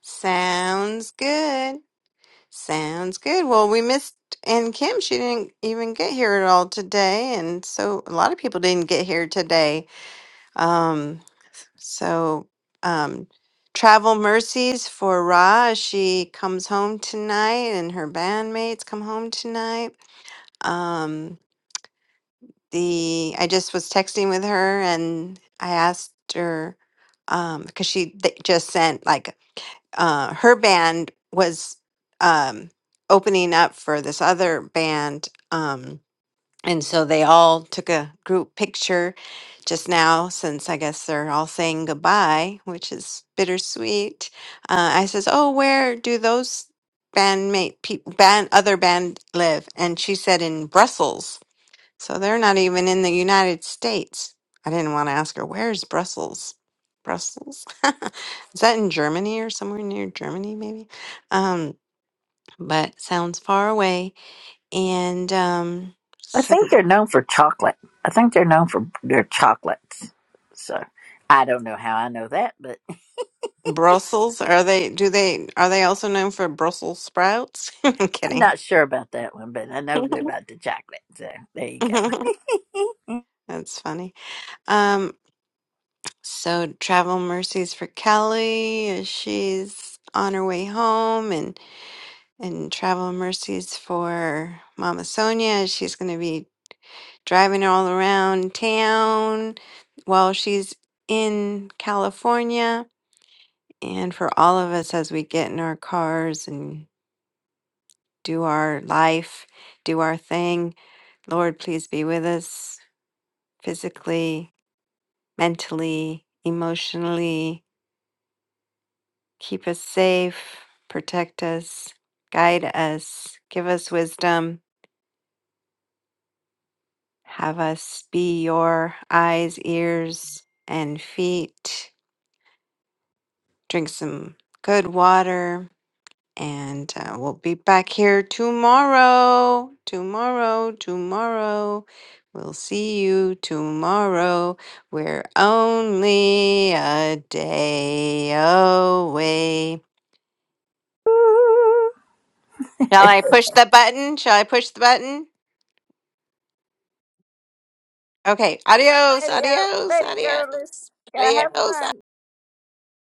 sounds good. Sounds good. Well, we missed and Kim. She didn't even get here at all today, and so a lot of people didn't get here today. Um, so um, travel mercies for Ra. as She comes home tonight, and her bandmates come home tonight. Um, the I just was texting with her and I asked her um because she th- just sent like uh her band was um opening up for this other band um and so they all took a group picture just now since I guess they're all saying goodbye, which is bittersweet. Uh, I says, "Oh, where do those bandmate people band other band live?" And she said in Brussels. So they're not even in the United States. I didn't want to ask her, where's Brussels? Brussels? [laughs] Is that in Germany or somewhere near Germany, maybe? Um, but sounds far away. And um,
I
so
think they're known for chocolate. I think they're known for their chocolates. So, I don't know how I know that, but
Brussels, are they, do they, are they also known for Brussels sprouts? [laughs] I'm
[laughs] I'm
kidding.
not sure about that one, but I know about the chocolate. So, there you go.
[laughs] That's funny. Um, so travel mercies for Kelly as she's on her way home and and travel mercies for Mama Sonia. She's going to be driving all around town while she's in California, and for all of us as we get in our cars and do our life, do our thing. Lord, please be with us physically, mentally, emotionally. Keep us safe, protect us, guide us, give us wisdom Have us be your eyes, ears, and feet. Drink some good water. And uh, we'll be back here tomorrow. Tomorrow, tomorrow. We'll see you tomorrow. We're only a day away.
[laughs] Ooh.
Shall I push the button? Shall I push the button? Okay. Adios,
Lady, go,
adios,
lady girl, let's
adios,
go have
adios,
fun.